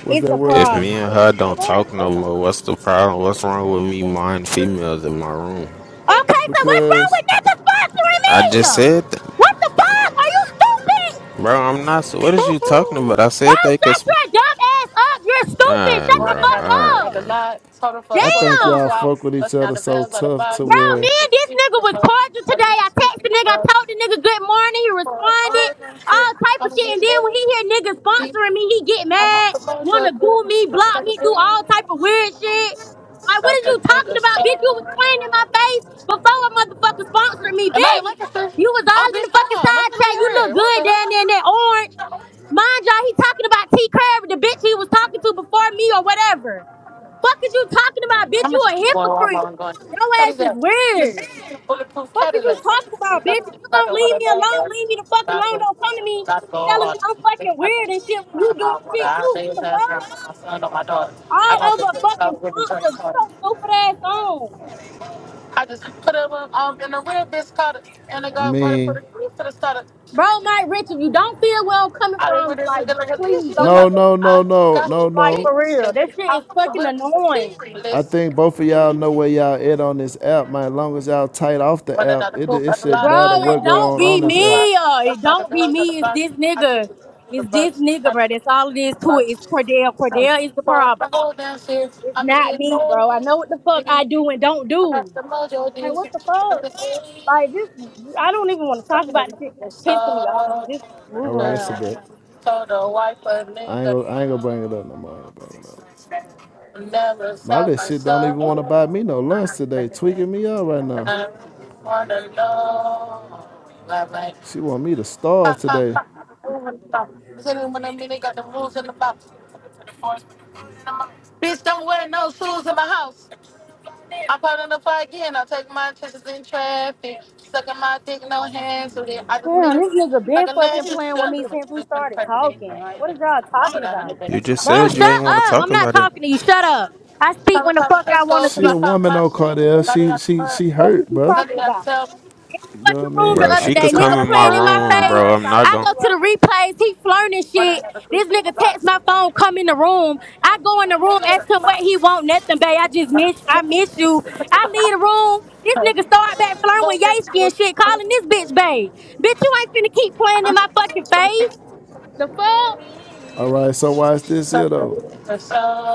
[SPEAKER 1] What's
[SPEAKER 5] it's
[SPEAKER 1] that
[SPEAKER 5] a
[SPEAKER 1] word
[SPEAKER 3] If me
[SPEAKER 1] again?
[SPEAKER 5] problem.
[SPEAKER 3] and her
[SPEAKER 5] The
[SPEAKER 3] don't
[SPEAKER 5] fuck?
[SPEAKER 3] talk no
[SPEAKER 5] That's not
[SPEAKER 3] more, what's the problem? What's wrong with me mind females in my room?
[SPEAKER 5] Okay, so what's wrong
[SPEAKER 1] Because
[SPEAKER 5] with niggas sponsoring
[SPEAKER 3] I just
[SPEAKER 5] me?
[SPEAKER 3] said, th-
[SPEAKER 5] What the fuck? Are you stupid?
[SPEAKER 3] bro, I'm not. What is you talking about? I
[SPEAKER 5] Bro,
[SPEAKER 3] said they could
[SPEAKER 5] shut your dumb ass up. You're stupid.
[SPEAKER 3] Alright,
[SPEAKER 5] Shut the
[SPEAKER 3] bro.
[SPEAKER 4] Running out of the coop
[SPEAKER 5] fuck
[SPEAKER 3] Alright,
[SPEAKER 4] at the
[SPEAKER 5] up.
[SPEAKER 3] gang.
[SPEAKER 4] lot, total for
[SPEAKER 1] I
[SPEAKER 4] twelve
[SPEAKER 1] think
[SPEAKER 4] for
[SPEAKER 5] Damn.
[SPEAKER 1] y'all
[SPEAKER 4] swaps,
[SPEAKER 1] fuck with each
[SPEAKER 4] busting out
[SPEAKER 1] other
[SPEAKER 4] the
[SPEAKER 1] so
[SPEAKER 4] bells out of the
[SPEAKER 1] tough to
[SPEAKER 5] Bro,
[SPEAKER 4] box. I'm gonna
[SPEAKER 5] me
[SPEAKER 1] where,
[SPEAKER 4] get
[SPEAKER 5] and
[SPEAKER 4] the
[SPEAKER 5] this
[SPEAKER 4] six in
[SPEAKER 5] nigga
[SPEAKER 4] the
[SPEAKER 5] was
[SPEAKER 4] box,
[SPEAKER 5] cordial
[SPEAKER 4] gotta get
[SPEAKER 5] today.
[SPEAKER 4] the
[SPEAKER 5] I
[SPEAKER 4] six
[SPEAKER 5] texted
[SPEAKER 4] in
[SPEAKER 5] the
[SPEAKER 4] the
[SPEAKER 5] nigga, I
[SPEAKER 4] box.
[SPEAKER 5] told the nigga good morning. He
[SPEAKER 4] For
[SPEAKER 5] responded,
[SPEAKER 4] all that shit,
[SPEAKER 5] all type of
[SPEAKER 4] I'm gonna
[SPEAKER 5] shit. And
[SPEAKER 4] get
[SPEAKER 5] then when he hear niggas
[SPEAKER 4] lazy.
[SPEAKER 5] sponsoring me, he get
[SPEAKER 4] I'm not
[SPEAKER 5] mad,
[SPEAKER 4] the most of
[SPEAKER 5] wanna
[SPEAKER 4] it.
[SPEAKER 5] goo me,
[SPEAKER 4] Stuff
[SPEAKER 5] block
[SPEAKER 4] like a
[SPEAKER 5] me, do all
[SPEAKER 4] bitch,
[SPEAKER 5] type of weird shit. Like, what
[SPEAKER 4] stuff
[SPEAKER 5] is you
[SPEAKER 4] like
[SPEAKER 5] talking
[SPEAKER 4] nigga,
[SPEAKER 5] about, bitch?
[SPEAKER 4] stuff.
[SPEAKER 5] You was playing in my face before a motherfucker sponsored me,
[SPEAKER 4] Am I in
[SPEAKER 5] bitch.
[SPEAKER 4] Lancaster?
[SPEAKER 5] You was
[SPEAKER 4] Oh,
[SPEAKER 5] all in
[SPEAKER 4] bitch,
[SPEAKER 5] the
[SPEAKER 4] hold
[SPEAKER 5] fucking
[SPEAKER 4] on. Let
[SPEAKER 5] side
[SPEAKER 4] me
[SPEAKER 5] chat. You
[SPEAKER 4] leave her.
[SPEAKER 5] look
[SPEAKER 4] What
[SPEAKER 5] good
[SPEAKER 4] the
[SPEAKER 5] down
[SPEAKER 4] hell?
[SPEAKER 5] there in that orange. Mind y'all, he talking about T Crab, the bitch he was talking to before me or whatever. Fuck is you talking about,
[SPEAKER 4] I'm
[SPEAKER 5] bitch?
[SPEAKER 4] gonna
[SPEAKER 5] You
[SPEAKER 4] just
[SPEAKER 5] a
[SPEAKER 4] keep going while I'm on
[SPEAKER 5] hypocrite.
[SPEAKER 4] going.
[SPEAKER 5] Your
[SPEAKER 4] That is
[SPEAKER 5] ass is
[SPEAKER 4] that. This
[SPEAKER 5] weird.
[SPEAKER 4] bulletproof
[SPEAKER 5] Fuck is you
[SPEAKER 4] Cadillac.
[SPEAKER 5] talking about, bitch? If you
[SPEAKER 4] Not
[SPEAKER 5] gonna
[SPEAKER 4] know what
[SPEAKER 5] leave
[SPEAKER 4] a
[SPEAKER 5] me
[SPEAKER 4] bag
[SPEAKER 5] alone,
[SPEAKER 4] is.
[SPEAKER 5] leave me the fuck
[SPEAKER 4] Gotta
[SPEAKER 5] alone.
[SPEAKER 4] go.
[SPEAKER 5] Don't come to me
[SPEAKER 4] Gotta go
[SPEAKER 5] telling
[SPEAKER 4] hard.
[SPEAKER 5] me I'm
[SPEAKER 4] They
[SPEAKER 5] fucking
[SPEAKER 4] try to
[SPEAKER 5] weird and
[SPEAKER 4] just
[SPEAKER 5] shit when you
[SPEAKER 4] find
[SPEAKER 5] doing
[SPEAKER 4] out what
[SPEAKER 5] shit
[SPEAKER 4] I
[SPEAKER 5] too.
[SPEAKER 4] they was
[SPEAKER 5] What the
[SPEAKER 4] asking
[SPEAKER 5] fuck?
[SPEAKER 4] my son or my daughter. I
[SPEAKER 5] All
[SPEAKER 4] got the
[SPEAKER 5] over a
[SPEAKER 4] best
[SPEAKER 5] fucking
[SPEAKER 4] out with a drink
[SPEAKER 5] sponsor. Get
[SPEAKER 4] card.
[SPEAKER 5] your stupid ass on.
[SPEAKER 4] I just put it um um, in a red bitch card and I
[SPEAKER 1] I
[SPEAKER 4] got water for
[SPEAKER 1] mean,
[SPEAKER 4] the grief to the starter.
[SPEAKER 5] Bro, Mike Rich, if you don't feel where I'm coming
[SPEAKER 4] I didn't
[SPEAKER 5] from,
[SPEAKER 4] really
[SPEAKER 5] like,
[SPEAKER 4] look at
[SPEAKER 5] just
[SPEAKER 4] like a
[SPEAKER 5] please
[SPEAKER 4] leash here,
[SPEAKER 5] don't
[SPEAKER 1] no,
[SPEAKER 4] but
[SPEAKER 5] even,
[SPEAKER 1] no, no,
[SPEAKER 4] I
[SPEAKER 1] no,
[SPEAKER 4] got
[SPEAKER 1] no,
[SPEAKER 5] like, for
[SPEAKER 1] no.
[SPEAKER 4] kicked.
[SPEAKER 5] real. That shit
[SPEAKER 4] I
[SPEAKER 5] is fucking
[SPEAKER 4] whipped
[SPEAKER 5] annoying.
[SPEAKER 1] I
[SPEAKER 4] kicked.
[SPEAKER 1] think both of y'all know where y'all at on this app, man. As long as y'all tight off the
[SPEAKER 4] one
[SPEAKER 1] app,
[SPEAKER 4] another
[SPEAKER 1] it
[SPEAKER 4] proof
[SPEAKER 1] it
[SPEAKER 4] of the
[SPEAKER 1] should
[SPEAKER 4] lot,
[SPEAKER 1] matter
[SPEAKER 5] Bro, it
[SPEAKER 1] what
[SPEAKER 4] cold
[SPEAKER 1] go
[SPEAKER 4] case,
[SPEAKER 5] don't
[SPEAKER 1] on
[SPEAKER 4] sore
[SPEAKER 5] be
[SPEAKER 1] on
[SPEAKER 4] from
[SPEAKER 1] this app.
[SPEAKER 4] squat,
[SPEAKER 5] me. Uh, it
[SPEAKER 4] us not the
[SPEAKER 5] don't be
[SPEAKER 4] doors of the
[SPEAKER 5] me. It's
[SPEAKER 4] bus,
[SPEAKER 5] this
[SPEAKER 4] I choose
[SPEAKER 5] nigga.
[SPEAKER 4] to do the
[SPEAKER 5] It's this
[SPEAKER 4] bus.
[SPEAKER 5] nigga, bro. That's all it is to it. It's Cordell.
[SPEAKER 4] So,
[SPEAKER 5] Cordell is the
[SPEAKER 4] for
[SPEAKER 5] problem.
[SPEAKER 4] the whole damn series,
[SPEAKER 5] It's
[SPEAKER 4] I'ma
[SPEAKER 5] not
[SPEAKER 4] get
[SPEAKER 5] me, bro. I
[SPEAKER 4] lonely.
[SPEAKER 5] know what the fuck I
[SPEAKER 4] I
[SPEAKER 5] do and don't
[SPEAKER 4] got
[SPEAKER 5] do.
[SPEAKER 4] your
[SPEAKER 5] Like,
[SPEAKER 4] dues, I
[SPEAKER 5] what the fuck?
[SPEAKER 4] think
[SPEAKER 5] Like, this, I don't even want to
[SPEAKER 4] I can
[SPEAKER 5] talk about this
[SPEAKER 4] move
[SPEAKER 5] shit 'cause
[SPEAKER 4] the
[SPEAKER 5] it's
[SPEAKER 4] soul,
[SPEAKER 5] pissing me off. Just
[SPEAKER 1] All
[SPEAKER 5] move
[SPEAKER 1] right, that's a
[SPEAKER 5] around, bro.
[SPEAKER 1] bet.
[SPEAKER 4] the wife
[SPEAKER 1] I
[SPEAKER 4] of
[SPEAKER 1] ain't
[SPEAKER 4] the
[SPEAKER 1] gonna I ain't gonna bring it up no more. I ain't gonna bring it up.
[SPEAKER 4] never
[SPEAKER 1] My
[SPEAKER 4] sell
[SPEAKER 1] little
[SPEAKER 4] my
[SPEAKER 1] shit don't even want to
[SPEAKER 4] soul,
[SPEAKER 1] buy me no lunch today. Tweaking me out right
[SPEAKER 4] and
[SPEAKER 1] now.
[SPEAKER 4] I really wanna know.
[SPEAKER 1] She want me to starve
[SPEAKER 4] I'm ha ha
[SPEAKER 1] today.
[SPEAKER 4] ha ha. Sitting when they got the rules in the box. Bitch, don't wear no shoes in my house. I'm caught in the fire again. I take my chances in traffic. Sucking my dick, no hands with it. I just mean
[SPEAKER 5] Damn,
[SPEAKER 4] it
[SPEAKER 5] this nigga
[SPEAKER 4] like
[SPEAKER 5] been
[SPEAKER 4] a
[SPEAKER 5] fucking
[SPEAKER 4] legend.
[SPEAKER 5] playing with
[SPEAKER 4] Shut
[SPEAKER 5] me
[SPEAKER 4] up.
[SPEAKER 5] since we
[SPEAKER 4] I'm the
[SPEAKER 5] started
[SPEAKER 4] president.
[SPEAKER 5] talking. Like, what is y'all
[SPEAKER 4] Shut
[SPEAKER 5] talking
[SPEAKER 4] up, honey,
[SPEAKER 5] about?
[SPEAKER 4] baby.
[SPEAKER 3] You just
[SPEAKER 5] Bro,
[SPEAKER 3] said you
[SPEAKER 5] shut
[SPEAKER 3] ain't want to
[SPEAKER 5] up. I'm
[SPEAKER 3] talk
[SPEAKER 5] not
[SPEAKER 3] about it.
[SPEAKER 5] talking to you. Shut up. I speak
[SPEAKER 4] Coming
[SPEAKER 5] when the
[SPEAKER 4] from
[SPEAKER 5] fuck I want
[SPEAKER 4] Frisco,
[SPEAKER 5] to
[SPEAKER 4] cause
[SPEAKER 1] She
[SPEAKER 4] I
[SPEAKER 1] a
[SPEAKER 5] speak.
[SPEAKER 4] popped
[SPEAKER 1] woman
[SPEAKER 4] my
[SPEAKER 1] though,
[SPEAKER 4] shit.
[SPEAKER 1] Cardell.
[SPEAKER 5] What
[SPEAKER 4] Started
[SPEAKER 1] She
[SPEAKER 4] out the
[SPEAKER 1] she
[SPEAKER 4] mud.
[SPEAKER 1] she
[SPEAKER 5] the fuck
[SPEAKER 1] hurt,
[SPEAKER 5] is you
[SPEAKER 4] It's
[SPEAKER 1] bruh.
[SPEAKER 4] nothing
[SPEAKER 5] talking
[SPEAKER 4] I can
[SPEAKER 5] about?
[SPEAKER 4] tell.
[SPEAKER 5] in the
[SPEAKER 1] You know what I
[SPEAKER 5] fucking room the
[SPEAKER 1] mean?
[SPEAKER 3] Bro,
[SPEAKER 1] I
[SPEAKER 5] other
[SPEAKER 3] she
[SPEAKER 1] could
[SPEAKER 5] day,
[SPEAKER 3] could
[SPEAKER 1] tell.
[SPEAKER 4] When I
[SPEAKER 3] come
[SPEAKER 5] nigga
[SPEAKER 3] in
[SPEAKER 4] had the
[SPEAKER 3] my
[SPEAKER 4] drugs,
[SPEAKER 5] playing in my
[SPEAKER 3] rooms,
[SPEAKER 5] face.
[SPEAKER 4] I
[SPEAKER 3] bro. I'm
[SPEAKER 4] was
[SPEAKER 3] not
[SPEAKER 5] I
[SPEAKER 3] gon'
[SPEAKER 5] go
[SPEAKER 4] getting
[SPEAKER 5] to the
[SPEAKER 4] wealthy.
[SPEAKER 5] replays, he flirting and
[SPEAKER 4] When I
[SPEAKER 5] shit.
[SPEAKER 4] had the food
[SPEAKER 5] This
[SPEAKER 4] in the
[SPEAKER 5] nigga text my phone, come in the room. I go in the room, ask him what
[SPEAKER 4] box.
[SPEAKER 5] he want, nothing, babe. I just
[SPEAKER 4] So,
[SPEAKER 5] miss, I miss you. I leave the room. This nigga start back flirting with Yasky and shit, calling this bitch babe. Bitch, you ain't finna keep playing in my fucking face. The fuck?
[SPEAKER 1] All right, so why is this here though?
[SPEAKER 4] so,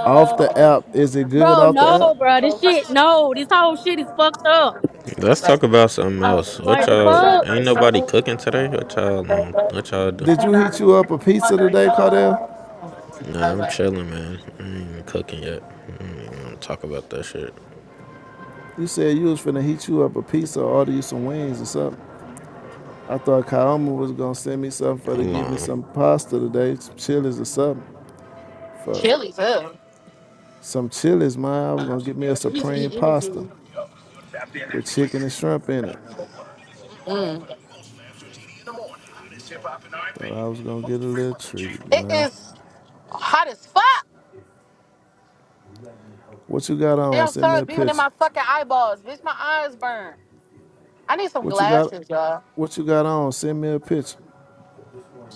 [SPEAKER 1] Off the app, is it good
[SPEAKER 5] Bro,
[SPEAKER 1] off the
[SPEAKER 5] no,
[SPEAKER 1] app?
[SPEAKER 5] bro. This shit, no. This whole shit is fucked up.
[SPEAKER 3] Let's
[SPEAKER 4] so,
[SPEAKER 3] talk about something
[SPEAKER 4] I
[SPEAKER 3] else.
[SPEAKER 4] was
[SPEAKER 3] What
[SPEAKER 5] Like, the
[SPEAKER 4] never
[SPEAKER 3] y'all
[SPEAKER 4] sure
[SPEAKER 5] fuck?
[SPEAKER 4] for
[SPEAKER 3] ain't nobody cooking today? What
[SPEAKER 4] sure. I never
[SPEAKER 3] y'all
[SPEAKER 4] been
[SPEAKER 3] um,
[SPEAKER 4] good.
[SPEAKER 3] what y'all do?
[SPEAKER 1] Did you
[SPEAKER 4] And
[SPEAKER 1] heat
[SPEAKER 4] I'm
[SPEAKER 1] you up a pizza
[SPEAKER 4] wondering
[SPEAKER 1] today, Cardell?
[SPEAKER 4] so.
[SPEAKER 3] Nah, I'm
[SPEAKER 4] But
[SPEAKER 3] chilling, man. I ain't even cooking yet. I ain't even gonna talk about that shit.
[SPEAKER 1] You said you was finna heat you up a pizza or order you some wings or something. I thought Kaoma was gonna send me something for to
[SPEAKER 3] Hold
[SPEAKER 1] give me
[SPEAKER 3] on.
[SPEAKER 1] some pasta today, some chilies or something. Fuck,
[SPEAKER 4] Chilly too.
[SPEAKER 1] some chilies, man. I was gonna get me a supreme pasta with chicken and shrimp in it.
[SPEAKER 4] Mm.
[SPEAKER 1] Thought I was gonna get a little treat,
[SPEAKER 4] It
[SPEAKER 1] man.
[SPEAKER 4] is hot as fuck.
[SPEAKER 1] What you got on?
[SPEAKER 4] Damn
[SPEAKER 1] Send me
[SPEAKER 4] sun
[SPEAKER 1] a
[SPEAKER 4] beaming in
[SPEAKER 1] picture.
[SPEAKER 4] my fucking eyeballs. Bitch, my eyes burn. I need some
[SPEAKER 1] What you got?
[SPEAKER 4] glasses, y'all.
[SPEAKER 1] What you got on? Send me a picture.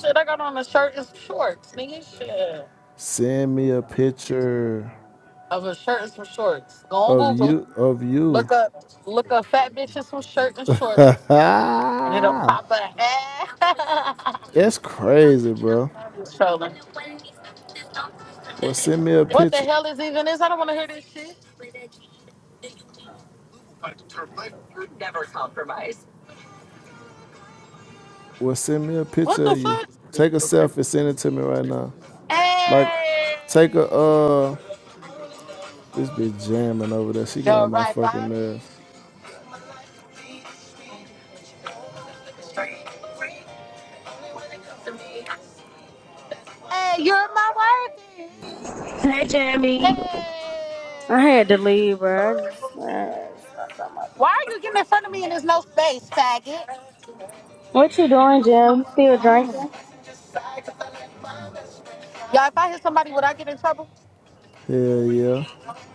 [SPEAKER 4] Shit, I got on a shirt and some shorts, nigga. Shit.
[SPEAKER 1] Send me a picture
[SPEAKER 4] Of a shirt and some shorts. Go on
[SPEAKER 1] of
[SPEAKER 4] Google.
[SPEAKER 1] you. Of you.
[SPEAKER 4] Look up look up fat bitches some shirt and shorts. And it'll pop up.
[SPEAKER 1] That's crazy, bro.
[SPEAKER 4] Trolling.
[SPEAKER 1] Well, send me a
[SPEAKER 4] What the
[SPEAKER 1] picture.
[SPEAKER 4] hell is even this? I don't wanna hear this shit.
[SPEAKER 1] Well, send me a
[SPEAKER 4] What
[SPEAKER 1] picture
[SPEAKER 4] the
[SPEAKER 1] of you.
[SPEAKER 4] fuck?
[SPEAKER 1] Take a selfie. Send it to me right now. Like,
[SPEAKER 4] Hey,
[SPEAKER 1] take a uh. This bitch jamming over there. She get
[SPEAKER 4] you're
[SPEAKER 1] on my
[SPEAKER 4] right.
[SPEAKER 1] fucking
[SPEAKER 4] Bobby.
[SPEAKER 1] nerves.
[SPEAKER 4] Hey, you're my worthy.
[SPEAKER 5] Hey, Jamie. I had to
[SPEAKER 4] Hey,
[SPEAKER 5] leave, bro.
[SPEAKER 4] why are you getting in front of me and there's no space, faggot?
[SPEAKER 5] What you doing, Jim? Still drinking?
[SPEAKER 4] Y'all, if I hit somebody, would I get in trouble?
[SPEAKER 1] Hell yeah.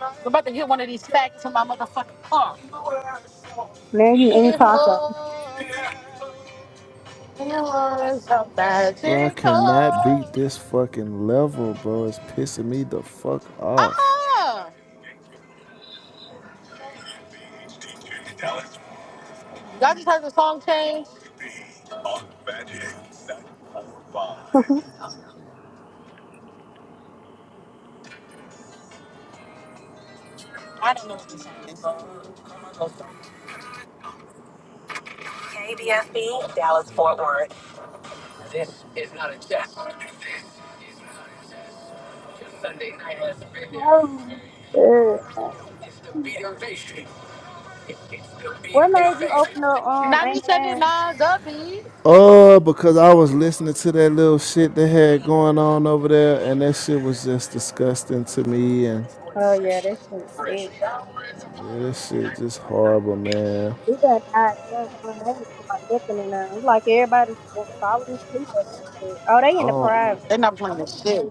[SPEAKER 4] I'm about to hit one of these faggots in my motherfucking car.
[SPEAKER 5] Now you eating tacos.
[SPEAKER 4] Before there was a
[SPEAKER 1] Bro, I cannot
[SPEAKER 4] magical.
[SPEAKER 1] beat this fucking level, bro. It's pissing me the fuck off.
[SPEAKER 4] Uh-uh. Y'all just heard the song change? I don't know what this song
[SPEAKER 5] Ugh. What made you open up
[SPEAKER 4] is.
[SPEAKER 5] um Angry
[SPEAKER 4] 97
[SPEAKER 5] Man?
[SPEAKER 4] Nas Upbeat.
[SPEAKER 1] Uh, because I was listening to that little shit they had going on over there, and that shit was just disgusting to me, and
[SPEAKER 5] Oh yeah, that shit sick.
[SPEAKER 1] yeah, that shit just horrible, man.
[SPEAKER 5] We done died down now. They ain't talking about nothing in there. It's like everybody's falling asleep or some shit. Oh, they
[SPEAKER 1] I
[SPEAKER 5] in the
[SPEAKER 1] don't,
[SPEAKER 5] private.
[SPEAKER 4] They're not playing this shit.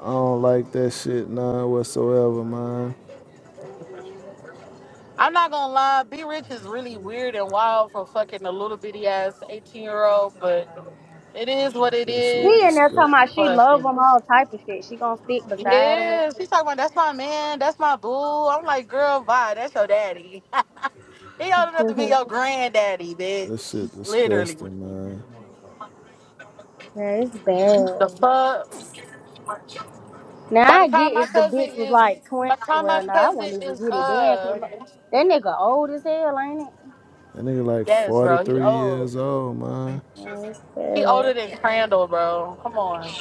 [SPEAKER 1] I don't like that shit none whatsoever, man.
[SPEAKER 4] I'm not gonna lie, Be Rich is really weird and wild for fucking a little bitty ass 18 year old, but it is what it
[SPEAKER 1] That shit
[SPEAKER 5] He
[SPEAKER 4] is.
[SPEAKER 5] in there
[SPEAKER 1] disgust.
[SPEAKER 5] talking about she love
[SPEAKER 4] Fucking.
[SPEAKER 5] him all type of shit. She gonna stick beside him and
[SPEAKER 4] Yeah, she's
[SPEAKER 5] shit.
[SPEAKER 4] talking about that's my man, that's my boo. I'm like, girl, bye, that's your daddy. he old enough to be
[SPEAKER 5] Mhm.
[SPEAKER 4] your granddaddy,
[SPEAKER 1] That
[SPEAKER 4] bitch.
[SPEAKER 1] shit
[SPEAKER 4] Literally.
[SPEAKER 1] disgusting, man.
[SPEAKER 5] yeah, it's bad.
[SPEAKER 4] The fuck? By
[SPEAKER 5] Now
[SPEAKER 4] the
[SPEAKER 5] I get
[SPEAKER 4] time my
[SPEAKER 5] if the
[SPEAKER 4] cousin
[SPEAKER 5] bitch was
[SPEAKER 4] is
[SPEAKER 5] like
[SPEAKER 4] by
[SPEAKER 5] twenty.
[SPEAKER 4] the time my
[SPEAKER 5] Well, no, I
[SPEAKER 4] cousin
[SPEAKER 5] wouldn't even
[SPEAKER 4] is
[SPEAKER 5] get it then, 'cause
[SPEAKER 4] uh
[SPEAKER 5] mo- that nigga old as hell, ain't it?
[SPEAKER 1] That nigga like
[SPEAKER 4] yes, bro, he
[SPEAKER 1] 43
[SPEAKER 4] old.
[SPEAKER 1] years old, man.
[SPEAKER 5] Yeah, it's
[SPEAKER 4] He
[SPEAKER 5] bad.
[SPEAKER 4] older than Crandall, bro. Come on.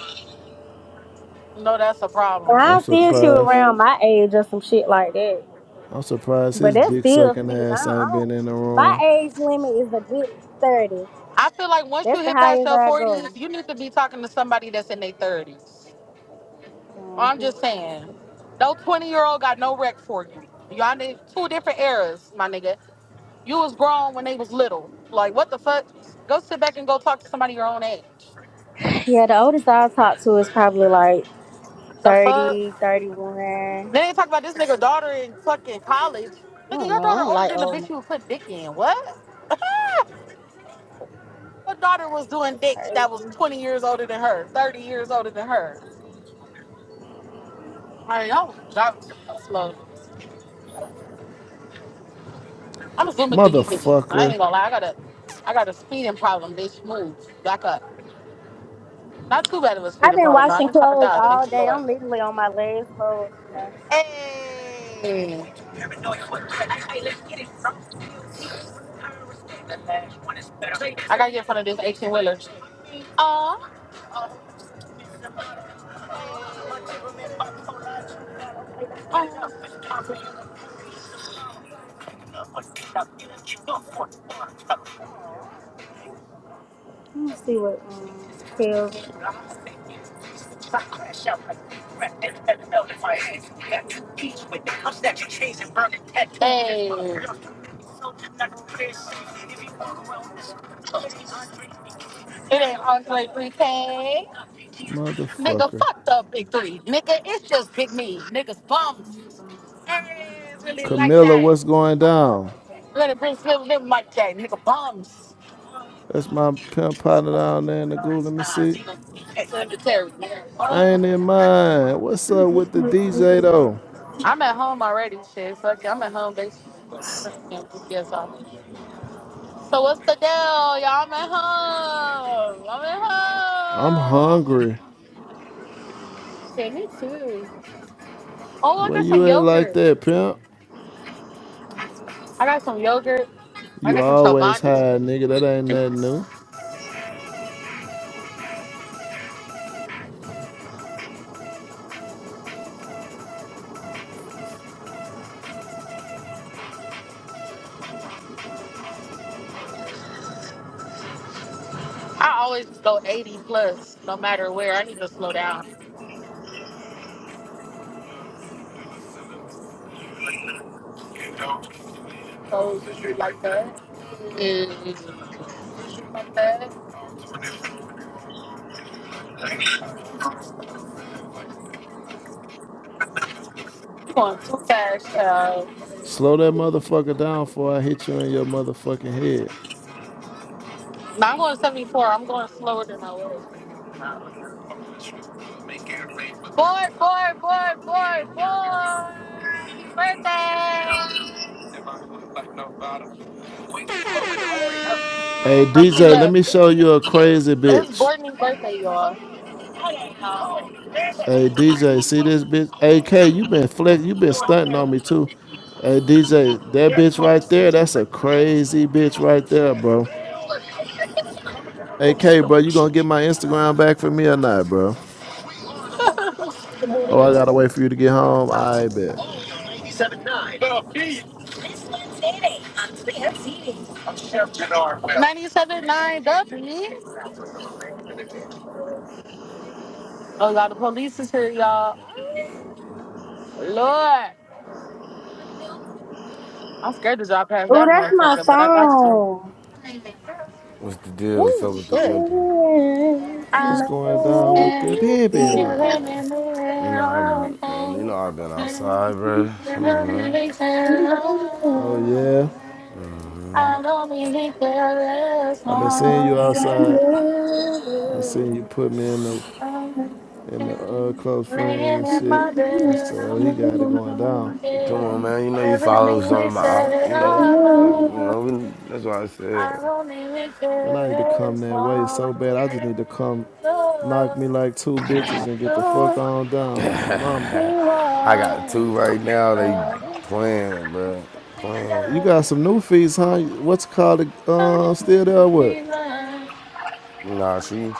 [SPEAKER 4] You know that's a problem.
[SPEAKER 5] Now
[SPEAKER 1] I'm
[SPEAKER 5] I still shoot
[SPEAKER 1] surprised.
[SPEAKER 5] around my age or some shit like that.
[SPEAKER 1] I'm surprised
[SPEAKER 5] But
[SPEAKER 1] his
[SPEAKER 5] that's
[SPEAKER 1] dick
[SPEAKER 5] still
[SPEAKER 1] sucking
[SPEAKER 5] shit. I
[SPEAKER 1] ass
[SPEAKER 5] don't, I
[SPEAKER 1] ain't
[SPEAKER 5] don't,
[SPEAKER 1] been in the
[SPEAKER 5] my
[SPEAKER 1] room.
[SPEAKER 5] age limit is a good 30.
[SPEAKER 4] I feel like once you
[SPEAKER 5] That's the
[SPEAKER 4] hit past
[SPEAKER 5] highest
[SPEAKER 4] your
[SPEAKER 5] I
[SPEAKER 4] 40s,
[SPEAKER 5] go.
[SPEAKER 4] you need to be talking to somebody that's in their 30s. I'm just saying. No 20 year old got no rec for you. Y'all need two different eras, my nigga. You was grown when they was little. Like, what the fuck? Go sit back and go talk to somebody your own age.
[SPEAKER 5] Yeah, the oldest I talk to is probably like
[SPEAKER 4] The fuck?
[SPEAKER 5] thirty, thirty-one.
[SPEAKER 4] Then they talk about this nigga daughter in fucking college.
[SPEAKER 5] I
[SPEAKER 4] Nigga,
[SPEAKER 5] don't
[SPEAKER 4] your
[SPEAKER 5] know.
[SPEAKER 4] daughter older than the bitch you put dick in. What? Her daughter was doing
[SPEAKER 5] It's
[SPEAKER 4] dicks that was
[SPEAKER 5] crazy.
[SPEAKER 4] 20 years older than her, 30 years older than her. All right, y'all, y'all slow I'm assuming for you, bitches. I
[SPEAKER 1] Motherfucker.
[SPEAKER 4] ain't gonna lie. I got a, I got a speeding problem. Bitch, move back up. Not too bad of a
[SPEAKER 5] I've
[SPEAKER 4] speeding
[SPEAKER 5] been
[SPEAKER 4] problem. though. I
[SPEAKER 5] washing
[SPEAKER 4] didn't try to
[SPEAKER 5] clothes
[SPEAKER 4] die.
[SPEAKER 5] all
[SPEAKER 4] Thank you,
[SPEAKER 5] day.
[SPEAKER 4] Lord.
[SPEAKER 5] I'm literally on my last load now.
[SPEAKER 4] Mm. I gotta get in front of this 18 wheeler.
[SPEAKER 5] Let me see what um, kills.
[SPEAKER 4] Hey, it ain't Andre 3K. Nigga,
[SPEAKER 1] Motherfucker.
[SPEAKER 4] fuck the big three. Nigga, it's just big me. Niggas bums. Everyone's really like
[SPEAKER 1] Camilla,
[SPEAKER 4] that.
[SPEAKER 1] what's going down?
[SPEAKER 4] Let it bring Slim them like that. Nigga, bums.
[SPEAKER 1] That's my pimp partner down there in the goo. Let me see.
[SPEAKER 4] Cemetery.
[SPEAKER 1] I
[SPEAKER 4] Um,
[SPEAKER 1] ain't in mine. What's up with the DJ though?
[SPEAKER 4] I'm at home already. Shit, fuck it. I'm at home, bitch. Fucking GPS off. So what's the deal? Y'all I'm at home. I'm
[SPEAKER 1] I'm
[SPEAKER 4] at home.
[SPEAKER 1] hungry.
[SPEAKER 4] Shit, me too. Oh, I
[SPEAKER 1] Where
[SPEAKER 4] got some
[SPEAKER 1] you at like
[SPEAKER 4] yogurt.
[SPEAKER 1] that, pimp?
[SPEAKER 4] I got some yogurt. I
[SPEAKER 1] You
[SPEAKER 4] got some
[SPEAKER 1] always
[SPEAKER 4] Chobani.
[SPEAKER 1] high, nigga. That ain't nothing new.
[SPEAKER 4] I always go 80 plus, no matter where. I need to slow down. So you shoot like that? Mm. Shoot Like that? You going too fast, child.
[SPEAKER 1] Slow that motherfucker down before I hit you in your motherfucking head.
[SPEAKER 4] No, I'm going 74. I'm going slower than I was. Boy, boy, boy, boy, boy. Happy birthday.
[SPEAKER 1] Hey
[SPEAKER 4] Oh, she
[SPEAKER 1] DJ, let
[SPEAKER 4] left.
[SPEAKER 1] me show you a crazy
[SPEAKER 4] It's
[SPEAKER 1] bitch.
[SPEAKER 4] Brittany's birthday, y'all.
[SPEAKER 1] Hey DJ, see this bitch? AK, you been flex, you been stunting on me too. Hey DJ, that bitch right there, that's a crazy bitch right there, bro. Hey, K, bro, you gonna get my Instagram back for me or not, bro? Oh, I gotta wait for you to get home. I bet.
[SPEAKER 4] 97.9 W. Oh, y'all, the police is here, y'all. Lord. I'm scared to drive past
[SPEAKER 5] Ooh,
[SPEAKER 4] that
[SPEAKER 5] that's my
[SPEAKER 4] motherfucker, but I got to.
[SPEAKER 5] phone.
[SPEAKER 6] What's the deal? What's
[SPEAKER 4] Ooh,
[SPEAKER 6] up with the
[SPEAKER 4] shit.
[SPEAKER 6] pimping?
[SPEAKER 1] What's
[SPEAKER 4] I
[SPEAKER 1] going down with the
[SPEAKER 4] can
[SPEAKER 1] pimpin'
[SPEAKER 4] feel it
[SPEAKER 1] man?
[SPEAKER 4] in the
[SPEAKER 6] You
[SPEAKER 4] air.
[SPEAKER 6] know, I've
[SPEAKER 4] all
[SPEAKER 6] been, and you know I've been outside, bro.
[SPEAKER 4] day.
[SPEAKER 6] Come on, man.
[SPEAKER 1] Oh yeah,
[SPEAKER 4] I don't believe there is
[SPEAKER 1] I've been seeing
[SPEAKER 4] no
[SPEAKER 1] you
[SPEAKER 4] way.
[SPEAKER 1] outside. I seen you put me in the
[SPEAKER 4] I
[SPEAKER 1] in the
[SPEAKER 4] can't.
[SPEAKER 1] uh, close friends
[SPEAKER 4] Laying
[SPEAKER 1] and
[SPEAKER 4] in my
[SPEAKER 1] shit. I
[SPEAKER 4] bed,
[SPEAKER 1] said, oh, he
[SPEAKER 4] I'm
[SPEAKER 1] got it going down.
[SPEAKER 6] Come
[SPEAKER 4] forget
[SPEAKER 6] on, man. You know you follow
[SPEAKER 4] everything
[SPEAKER 6] some
[SPEAKER 4] we
[SPEAKER 6] of my,
[SPEAKER 4] said.
[SPEAKER 6] you know,
[SPEAKER 4] I'm
[SPEAKER 6] like,
[SPEAKER 4] on.
[SPEAKER 6] you know. We, that's why I said
[SPEAKER 4] I only
[SPEAKER 1] Man, I need to come
[SPEAKER 4] just
[SPEAKER 1] that way
[SPEAKER 4] want
[SPEAKER 1] so bad. I just
[SPEAKER 4] to
[SPEAKER 1] need to come, knock me
[SPEAKER 4] love,
[SPEAKER 1] like two bitches and get the fuck
[SPEAKER 4] love,
[SPEAKER 1] on down, my mama.
[SPEAKER 4] be
[SPEAKER 6] I got
[SPEAKER 4] lost.
[SPEAKER 6] two right now.
[SPEAKER 4] So
[SPEAKER 6] They
[SPEAKER 4] I'm
[SPEAKER 6] playing, bro, playing.
[SPEAKER 1] You got some new fees, huh? What's it called? Uh,
[SPEAKER 4] your
[SPEAKER 1] still there? or What?
[SPEAKER 4] feeling.
[SPEAKER 6] Nah, she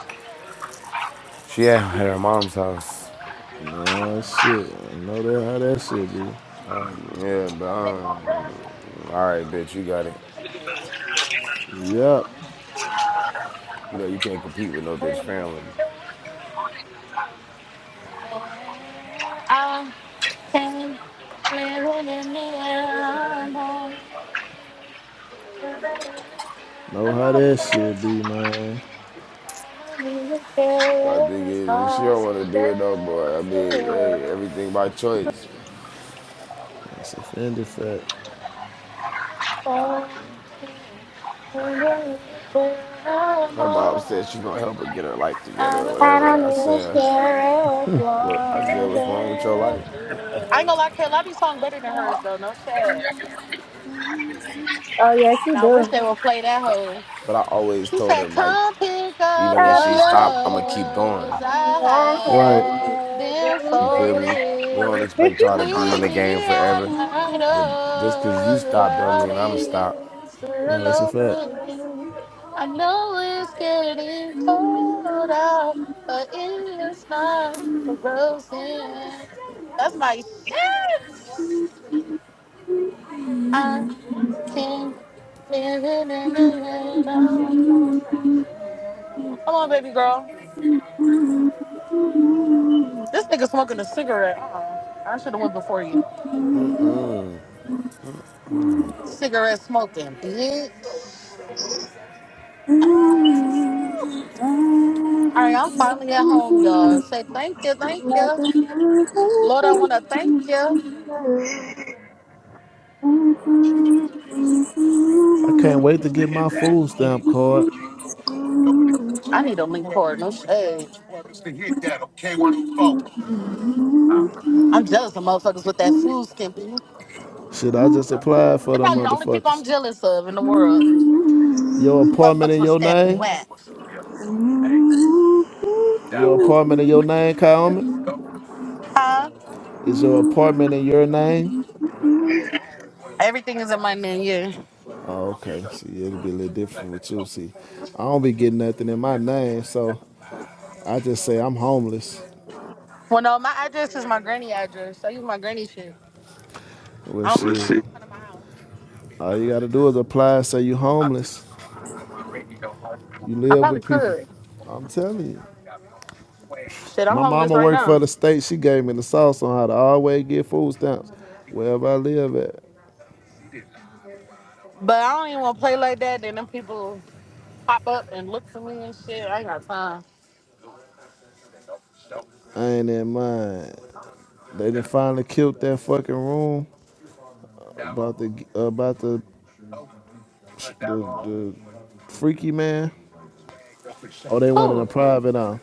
[SPEAKER 6] she at at her mom's house.
[SPEAKER 1] Nah, shit. I know that how that shit be.
[SPEAKER 6] Like, yeah, but um, all right, bitch, you got it.
[SPEAKER 1] Yup.
[SPEAKER 6] You know you can't compete with no bitch family.
[SPEAKER 4] I can live in the mirror. I ain't
[SPEAKER 1] Know how
[SPEAKER 4] gonna
[SPEAKER 1] that shit be, man.
[SPEAKER 6] My thing is, if she don't want to do it no more, I mean, hey, everything by choice.
[SPEAKER 1] That's a fender fact.
[SPEAKER 6] her mom said she gonna help her get her life together or
[SPEAKER 5] I
[SPEAKER 6] whatever. I
[SPEAKER 5] don't even
[SPEAKER 6] said,
[SPEAKER 5] care as
[SPEAKER 6] well, I said,
[SPEAKER 5] long
[SPEAKER 6] what's wrong with your
[SPEAKER 5] as
[SPEAKER 6] life?
[SPEAKER 5] you.
[SPEAKER 4] lie, Kelly, I be song better than hers though, no shit.
[SPEAKER 5] Oh yes, you
[SPEAKER 4] And I
[SPEAKER 5] do.
[SPEAKER 4] wish they would play that hoe.
[SPEAKER 6] But I always
[SPEAKER 4] She
[SPEAKER 6] told
[SPEAKER 4] said,
[SPEAKER 6] her, Mike,
[SPEAKER 4] Come pick up
[SPEAKER 6] even when
[SPEAKER 5] Stop
[SPEAKER 6] she
[SPEAKER 4] your
[SPEAKER 5] your
[SPEAKER 6] stopped, I'm gonna keep
[SPEAKER 4] clothes.
[SPEAKER 6] going.
[SPEAKER 5] killing. I
[SPEAKER 1] Right.
[SPEAKER 4] I have
[SPEAKER 5] have
[SPEAKER 4] them
[SPEAKER 5] been
[SPEAKER 6] You feel me? We don't
[SPEAKER 4] folded.
[SPEAKER 5] ready.
[SPEAKER 6] expect y'all to be in
[SPEAKER 4] Leave
[SPEAKER 6] the
[SPEAKER 4] me
[SPEAKER 6] game
[SPEAKER 4] at
[SPEAKER 6] forever,
[SPEAKER 4] my
[SPEAKER 6] but just cause you
[SPEAKER 4] door. The
[SPEAKER 6] stopped don't
[SPEAKER 4] world
[SPEAKER 6] mean I'ma stop.
[SPEAKER 4] is
[SPEAKER 1] Nah,
[SPEAKER 4] still
[SPEAKER 1] that's a fact.
[SPEAKER 4] open. I know it's getting cold out, but it's not frozen. That's my shit. I can't live it in the rain. Come on, baby girl. This nigga smoking a cigarette. Uh-uh. I should have went before you. Cigarette smoking, bitch. All right, I'm finally at home, y'all. Say thank you, thank you. Lord, I want to thank you.
[SPEAKER 1] I can't wait to get my food stamp card.
[SPEAKER 4] I need a link cord. No shade. I'm jealous of motherfuckers with that flu skimpy. They're
[SPEAKER 1] Shit, I just applied for them
[SPEAKER 4] probably the only people
[SPEAKER 1] motherfuckers.
[SPEAKER 4] I'm jealous of in the world.
[SPEAKER 1] Your apartment
[SPEAKER 4] Motherfuckers
[SPEAKER 1] in
[SPEAKER 4] with a
[SPEAKER 1] your
[SPEAKER 4] skimpy.
[SPEAKER 1] name?
[SPEAKER 4] What?
[SPEAKER 1] Your apartment in your name, Kaomi?
[SPEAKER 4] Huh?
[SPEAKER 1] Is your apartment in your name?
[SPEAKER 4] Everything is in my menu.
[SPEAKER 1] Oh, okay. See, it'll be a little different with you. See, I don't be getting nothing in my name, so I just say I'm homeless.
[SPEAKER 4] Well, no, my address is my granny address. I use my granny shit.
[SPEAKER 1] Well,
[SPEAKER 4] I, don't, Let's
[SPEAKER 1] shit.
[SPEAKER 4] see.
[SPEAKER 1] All you gotta do is apply. Say you homeless. You
[SPEAKER 4] I
[SPEAKER 1] live with
[SPEAKER 4] probably
[SPEAKER 1] people.
[SPEAKER 4] could.
[SPEAKER 1] I'm telling you.
[SPEAKER 4] Shit, I'm
[SPEAKER 1] My
[SPEAKER 4] homeless
[SPEAKER 1] mama
[SPEAKER 4] right
[SPEAKER 1] worked for
[SPEAKER 4] now.
[SPEAKER 1] the state. She gave me the sauce on how to always get food stamps wherever I live at.
[SPEAKER 4] But I don't even want to play like that. Then them people pop up and look for me and shit. I ain't got time.
[SPEAKER 1] I ain't in mind. They done finally killed that fucking room about the about the the, the freaky man. Oh, they went in a
[SPEAKER 4] Who?
[SPEAKER 1] private on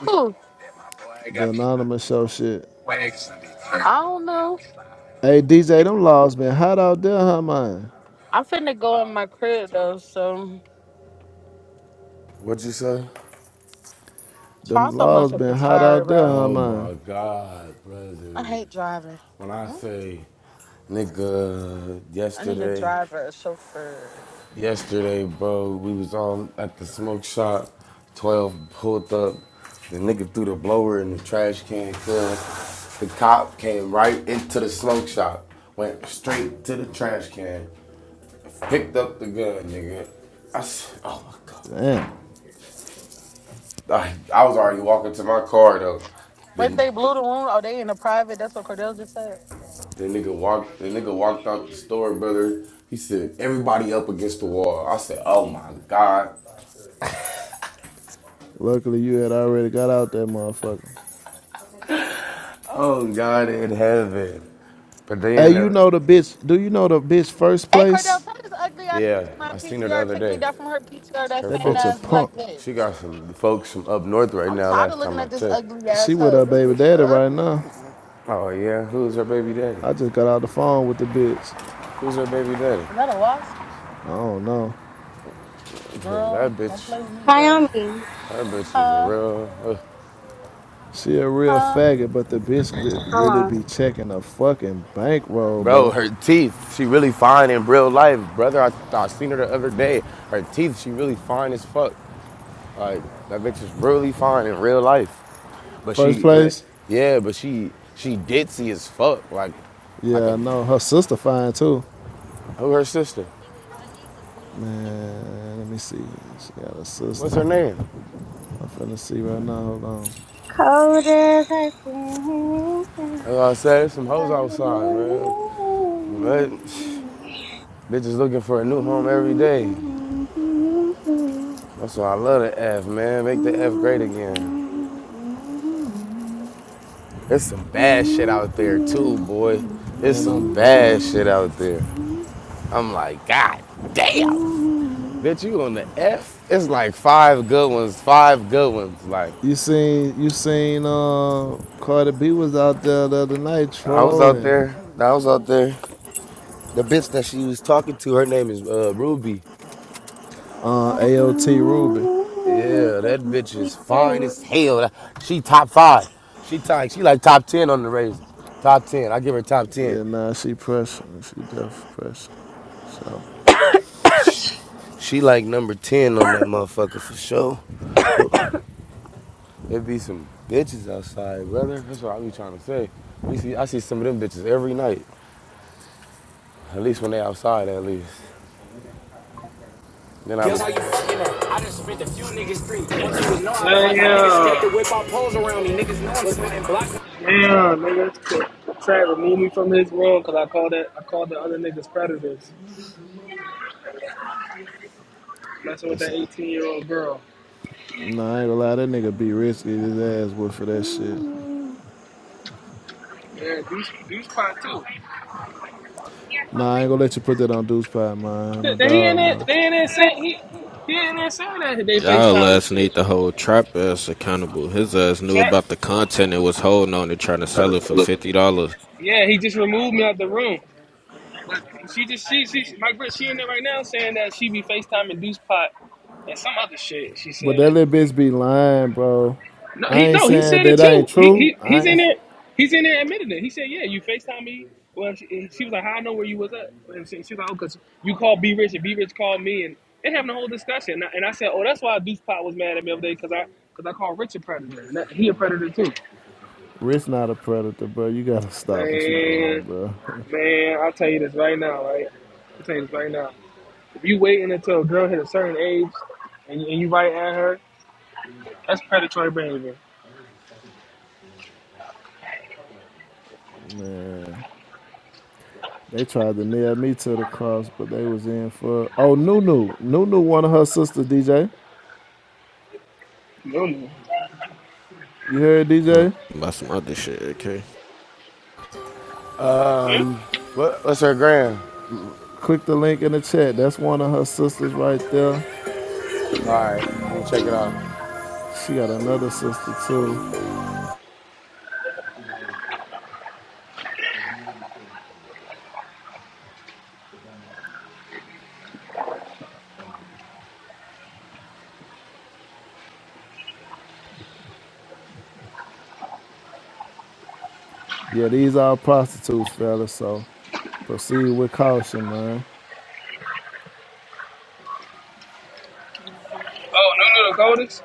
[SPEAKER 4] Who?
[SPEAKER 1] the anonymous show shit.
[SPEAKER 4] I don't know.
[SPEAKER 1] Hey DJ, them laws been hot out there, huh man?
[SPEAKER 4] I'm finna go in my crib though. So,
[SPEAKER 6] What would you say?
[SPEAKER 1] Them
[SPEAKER 4] Charles, I'm so
[SPEAKER 1] laws been
[SPEAKER 4] motherfucking
[SPEAKER 1] hot
[SPEAKER 4] tired,
[SPEAKER 1] out there,
[SPEAKER 4] bro.
[SPEAKER 1] huh
[SPEAKER 6] Oh
[SPEAKER 1] man?
[SPEAKER 6] my God,
[SPEAKER 4] I
[SPEAKER 6] brother.
[SPEAKER 4] hate driving.
[SPEAKER 6] When I
[SPEAKER 4] Hmm?
[SPEAKER 6] say, nigga,
[SPEAKER 4] I need a
[SPEAKER 6] yesterday.
[SPEAKER 4] driver, a chauffeur.
[SPEAKER 6] Yesterday, bro, we was on at the smoke shop. Twelve pulled up. The nigga threw the blower in the trash can. Cause the cop came right into the smoke shop, went straight to the trash can, picked up the gun, nigga. I said, "Oh my god!"
[SPEAKER 1] Damn.
[SPEAKER 6] I, I was already walking to my car though.
[SPEAKER 4] Wait,
[SPEAKER 6] The
[SPEAKER 4] they blew the room. Oh, they in the private. That's what Cordell just said.
[SPEAKER 6] the nigga walked. The nigga walked out the store, brother. He said, "Everybody up against the wall." I said, "Oh my god!"
[SPEAKER 1] Luckily, you had already got out that motherfucker.
[SPEAKER 6] Oh God in heaven. But
[SPEAKER 1] Hey,
[SPEAKER 6] then,
[SPEAKER 1] you
[SPEAKER 6] uh,
[SPEAKER 1] know the bitch? Do you know the bitch first
[SPEAKER 4] Hey Cordell,
[SPEAKER 1] place?
[SPEAKER 4] tell this ugly ass
[SPEAKER 6] yeah,
[SPEAKER 4] bitch in my
[SPEAKER 6] I seen her the
[SPEAKER 4] PTR
[SPEAKER 6] other
[SPEAKER 4] took me
[SPEAKER 6] day.
[SPEAKER 4] down from her PTR that
[SPEAKER 6] Her
[SPEAKER 1] That
[SPEAKER 4] same
[SPEAKER 1] bitch a
[SPEAKER 6] folks,
[SPEAKER 4] ass black
[SPEAKER 1] punk.
[SPEAKER 6] she
[SPEAKER 4] bitch.
[SPEAKER 6] got some folks from up north right
[SPEAKER 4] I'm
[SPEAKER 6] now.
[SPEAKER 4] tired of
[SPEAKER 6] Last
[SPEAKER 4] looking
[SPEAKER 6] time I
[SPEAKER 4] at this
[SPEAKER 6] checked.
[SPEAKER 4] ugly
[SPEAKER 1] She
[SPEAKER 4] ass
[SPEAKER 1] with
[SPEAKER 4] hoe.
[SPEAKER 1] her
[SPEAKER 4] This
[SPEAKER 1] baby
[SPEAKER 4] bitch
[SPEAKER 1] daddy right
[SPEAKER 4] ugly.
[SPEAKER 1] now.
[SPEAKER 6] Oh yeah, who's her baby daddy?
[SPEAKER 1] I just got out the phone with the bitch.
[SPEAKER 6] Who's her baby daddy?
[SPEAKER 4] Is that a wasp?
[SPEAKER 1] I don't know.
[SPEAKER 6] Cause That
[SPEAKER 4] Girl, don't
[SPEAKER 6] bitch,
[SPEAKER 4] play with me, girl.
[SPEAKER 5] Naomi,
[SPEAKER 6] that bitch is a
[SPEAKER 4] Huh?
[SPEAKER 6] real. uh,
[SPEAKER 1] She a real
[SPEAKER 4] Huh?
[SPEAKER 1] faggot, but the bitch re-
[SPEAKER 5] hold
[SPEAKER 1] really
[SPEAKER 5] on.
[SPEAKER 1] be checking a fucking bankroll,
[SPEAKER 6] bro,
[SPEAKER 1] bro.
[SPEAKER 6] her teeth, she really fine in real life, brother. I, I seen her the other day. Her teeth, she really fine as fuck. Like that bitch is really fine in real life, but she,
[SPEAKER 1] First
[SPEAKER 6] but
[SPEAKER 1] place?
[SPEAKER 6] yeah, but she she ditzy as fuck. Like like
[SPEAKER 1] Yeah, I
[SPEAKER 6] a
[SPEAKER 1] know. Her sister fine too.
[SPEAKER 6] who her sister?
[SPEAKER 1] Man, let me see. She got a
[SPEAKER 6] What's
[SPEAKER 1] sister.
[SPEAKER 6] her name?
[SPEAKER 1] I'm finna see right now. Hold on.
[SPEAKER 5] Cold as I seem.
[SPEAKER 6] As I said, some hoes outside, man. But bitches looking for a new home every day. That's why I love the F, man. Make the F great again. There's some bad shit out there too, boy. There's
[SPEAKER 1] Man,
[SPEAKER 6] some
[SPEAKER 1] I'm knowing.
[SPEAKER 6] bad shit out there. I'm like, God damn. Bitch, you on the F? It's like five good ones, five good ones. Like,
[SPEAKER 1] You seen you seen uh Cardi B was out there the other night
[SPEAKER 6] I was out
[SPEAKER 1] trolling.
[SPEAKER 6] there. I was out there. The bitch that she was talking to, her name is uh, Ruby.
[SPEAKER 1] Uh AOT Ruby.
[SPEAKER 6] Yeah, that bitch is
[SPEAKER 5] Oh,
[SPEAKER 6] fine as hell. She top five. She top. She like top ten on the razor. Top ten. I give her top ten.
[SPEAKER 1] Yeah, nah, she pressing. She def pressing. So
[SPEAKER 6] She like number ten on that motherfucker for sure. There be some bitches outside, brother. That's what I be trying to say. We see. I see some of them bitches every night. At least when they outside, at least. Then I was how you fucking up. I just spent a few niggas street. Want you to know I pop. My niggas scared to
[SPEAKER 7] Damn,
[SPEAKER 6] whip out poles around me. Niggas know I'm spitting block.
[SPEAKER 7] damn, nigga, Trap removed me from his room because I called that I called the other niggas predators, messing with
[SPEAKER 1] it's
[SPEAKER 7] that eighteen year old girl.
[SPEAKER 1] nah, I ain't gonna lie, that nigga be risky his ass with for that shit.
[SPEAKER 7] Yeah, these these pot too.
[SPEAKER 1] Nah, I ain't gonna let you put that on Deuce Pie, man.
[SPEAKER 7] They
[SPEAKER 1] My
[SPEAKER 7] th- He in
[SPEAKER 1] dog,
[SPEAKER 7] there,
[SPEAKER 1] no.
[SPEAKER 7] they in there saying he he in there saying that they
[SPEAKER 3] Y'all
[SPEAKER 7] FaceTime and
[SPEAKER 3] ass need
[SPEAKER 7] shit.
[SPEAKER 3] to hold trap ass accountable. His ass knew
[SPEAKER 7] Trap,
[SPEAKER 3] about the content and was holding on to trying to sell it for fifty dollars.
[SPEAKER 7] yeah, he just removed me out the room. But she just she she she- my girl, she in there right now saying that she be FaceTiming Deuce Pot and some other shit. She
[SPEAKER 1] But
[SPEAKER 7] said.
[SPEAKER 1] that little bitch be lying, bro.
[SPEAKER 7] No,
[SPEAKER 1] I
[SPEAKER 7] he
[SPEAKER 1] ain't
[SPEAKER 7] no, he
[SPEAKER 1] saying
[SPEAKER 7] said it
[SPEAKER 1] that ain't
[SPEAKER 7] too. He
[SPEAKER 1] true.
[SPEAKER 7] he
[SPEAKER 1] I
[SPEAKER 7] he's in
[SPEAKER 1] ain't.
[SPEAKER 7] there. He's in there admitting it. He said, "Yeah, you Facetime me." Well, she, and she was like, "How I know where you was at?" And she, she was like, "Oh, cause you called B Rich and B Rich called me, and they having a whole discussion." And I, and I said, "Oh, that's why Deuce Pot was mad at me the other day, cause I cause I called Rich a predator, and that, he a predator too."
[SPEAKER 1] Rich not a predator, bro. You gotta stop what you doing,
[SPEAKER 7] Man,
[SPEAKER 1] bro.
[SPEAKER 7] man, I'll tell you this right now, right? I'll tell you this right now. If you waiting until a girl hit a certain age, and, you- and you right at her, that's predatory behavior.
[SPEAKER 1] Man, they tried to nail me to the cross, but they was in for. Oh, Nunu, Nunu, one of her sisters, DJ.
[SPEAKER 7] No, no.
[SPEAKER 1] You heard
[SPEAKER 3] Nah,
[SPEAKER 1] DJ?
[SPEAKER 3] about some other shit, okay?
[SPEAKER 6] what, what's her grand?
[SPEAKER 1] Click the link in the chat. That's one of her sisters right there.
[SPEAKER 6] All right, let me check it out.
[SPEAKER 1] She got another sister too. Yeah, these are prostitutes, fellas, so proceed with caution, man.
[SPEAKER 7] Oh, no, no, the coldest.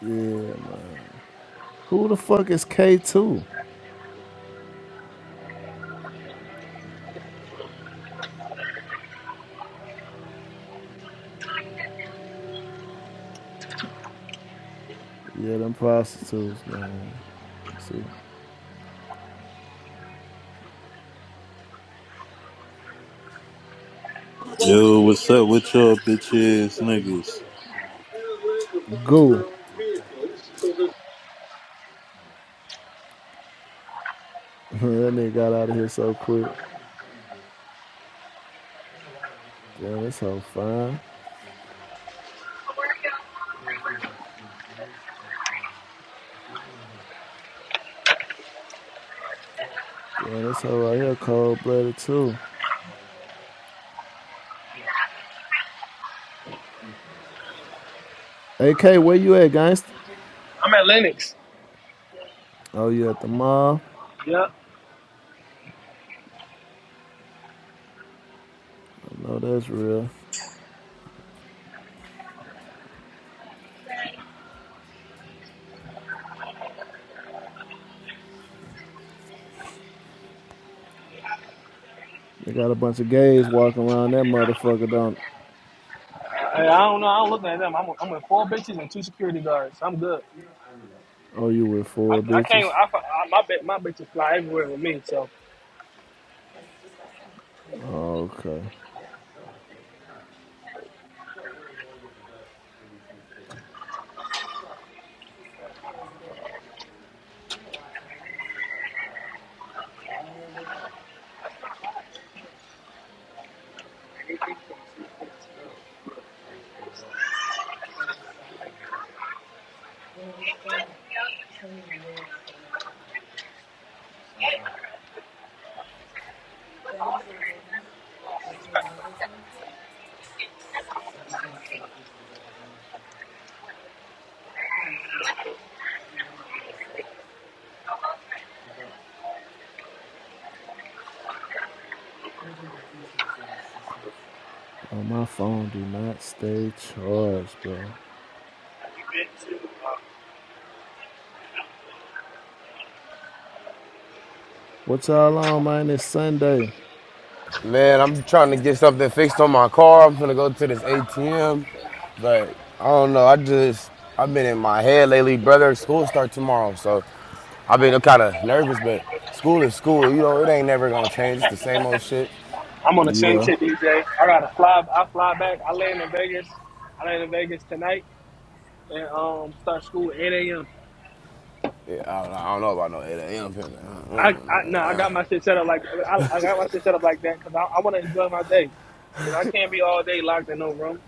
[SPEAKER 1] Yeah, man. Who the fuck is K2? Yeah, them prostitutes, man. Let's see.
[SPEAKER 8] Yo, what's up with y'all bitch ass niggas?
[SPEAKER 1] Goo. that nigga got out of here so quick. Damn, this hoe fine. Damn, this hoe right here cold blooded too. AK, where you at, gangster?
[SPEAKER 7] I'm at Lennox.
[SPEAKER 1] Oh, you at the mall?
[SPEAKER 7] Yep.
[SPEAKER 1] I know that's real. They got a bunch of gays walking around that motherfucker, don't
[SPEAKER 7] I, I don't know. I don't look at them. I'm, with- I'm with four bitches and two security guards. I'm good.
[SPEAKER 1] Oh, you with
[SPEAKER 7] I,
[SPEAKER 1] four
[SPEAKER 7] I can't.
[SPEAKER 1] bitches?
[SPEAKER 7] I, I, my bit, my bitches fly everywhere with me. So
[SPEAKER 1] Okay. Bro, my phone do not stay charged, bro. What y'all on, man? It's Sunday.
[SPEAKER 6] Man, I'm trying to get something fixed on my car. I'm gonna go to this ATM, but I don't know. I just I've been in my head lately, brother. School start tomorrow, so I've been kind of nervous. But school is school, you know. It ain't never gonna change. It's the same old shit.
[SPEAKER 7] I'm on the same
[SPEAKER 1] Yeah.
[SPEAKER 7] shit these days. I gotta fly. I fly back. I land in Vegas. I land in Vegas tonight and um start school at 8 a.m.
[SPEAKER 6] Yeah, I don't know, I don't know about no 8
[SPEAKER 7] I, I
[SPEAKER 6] a.m.
[SPEAKER 7] no, I got my shit set up like I, I got my shit set up like that because I, I want to enjoy my day. You know, I can't be all day locked in no room.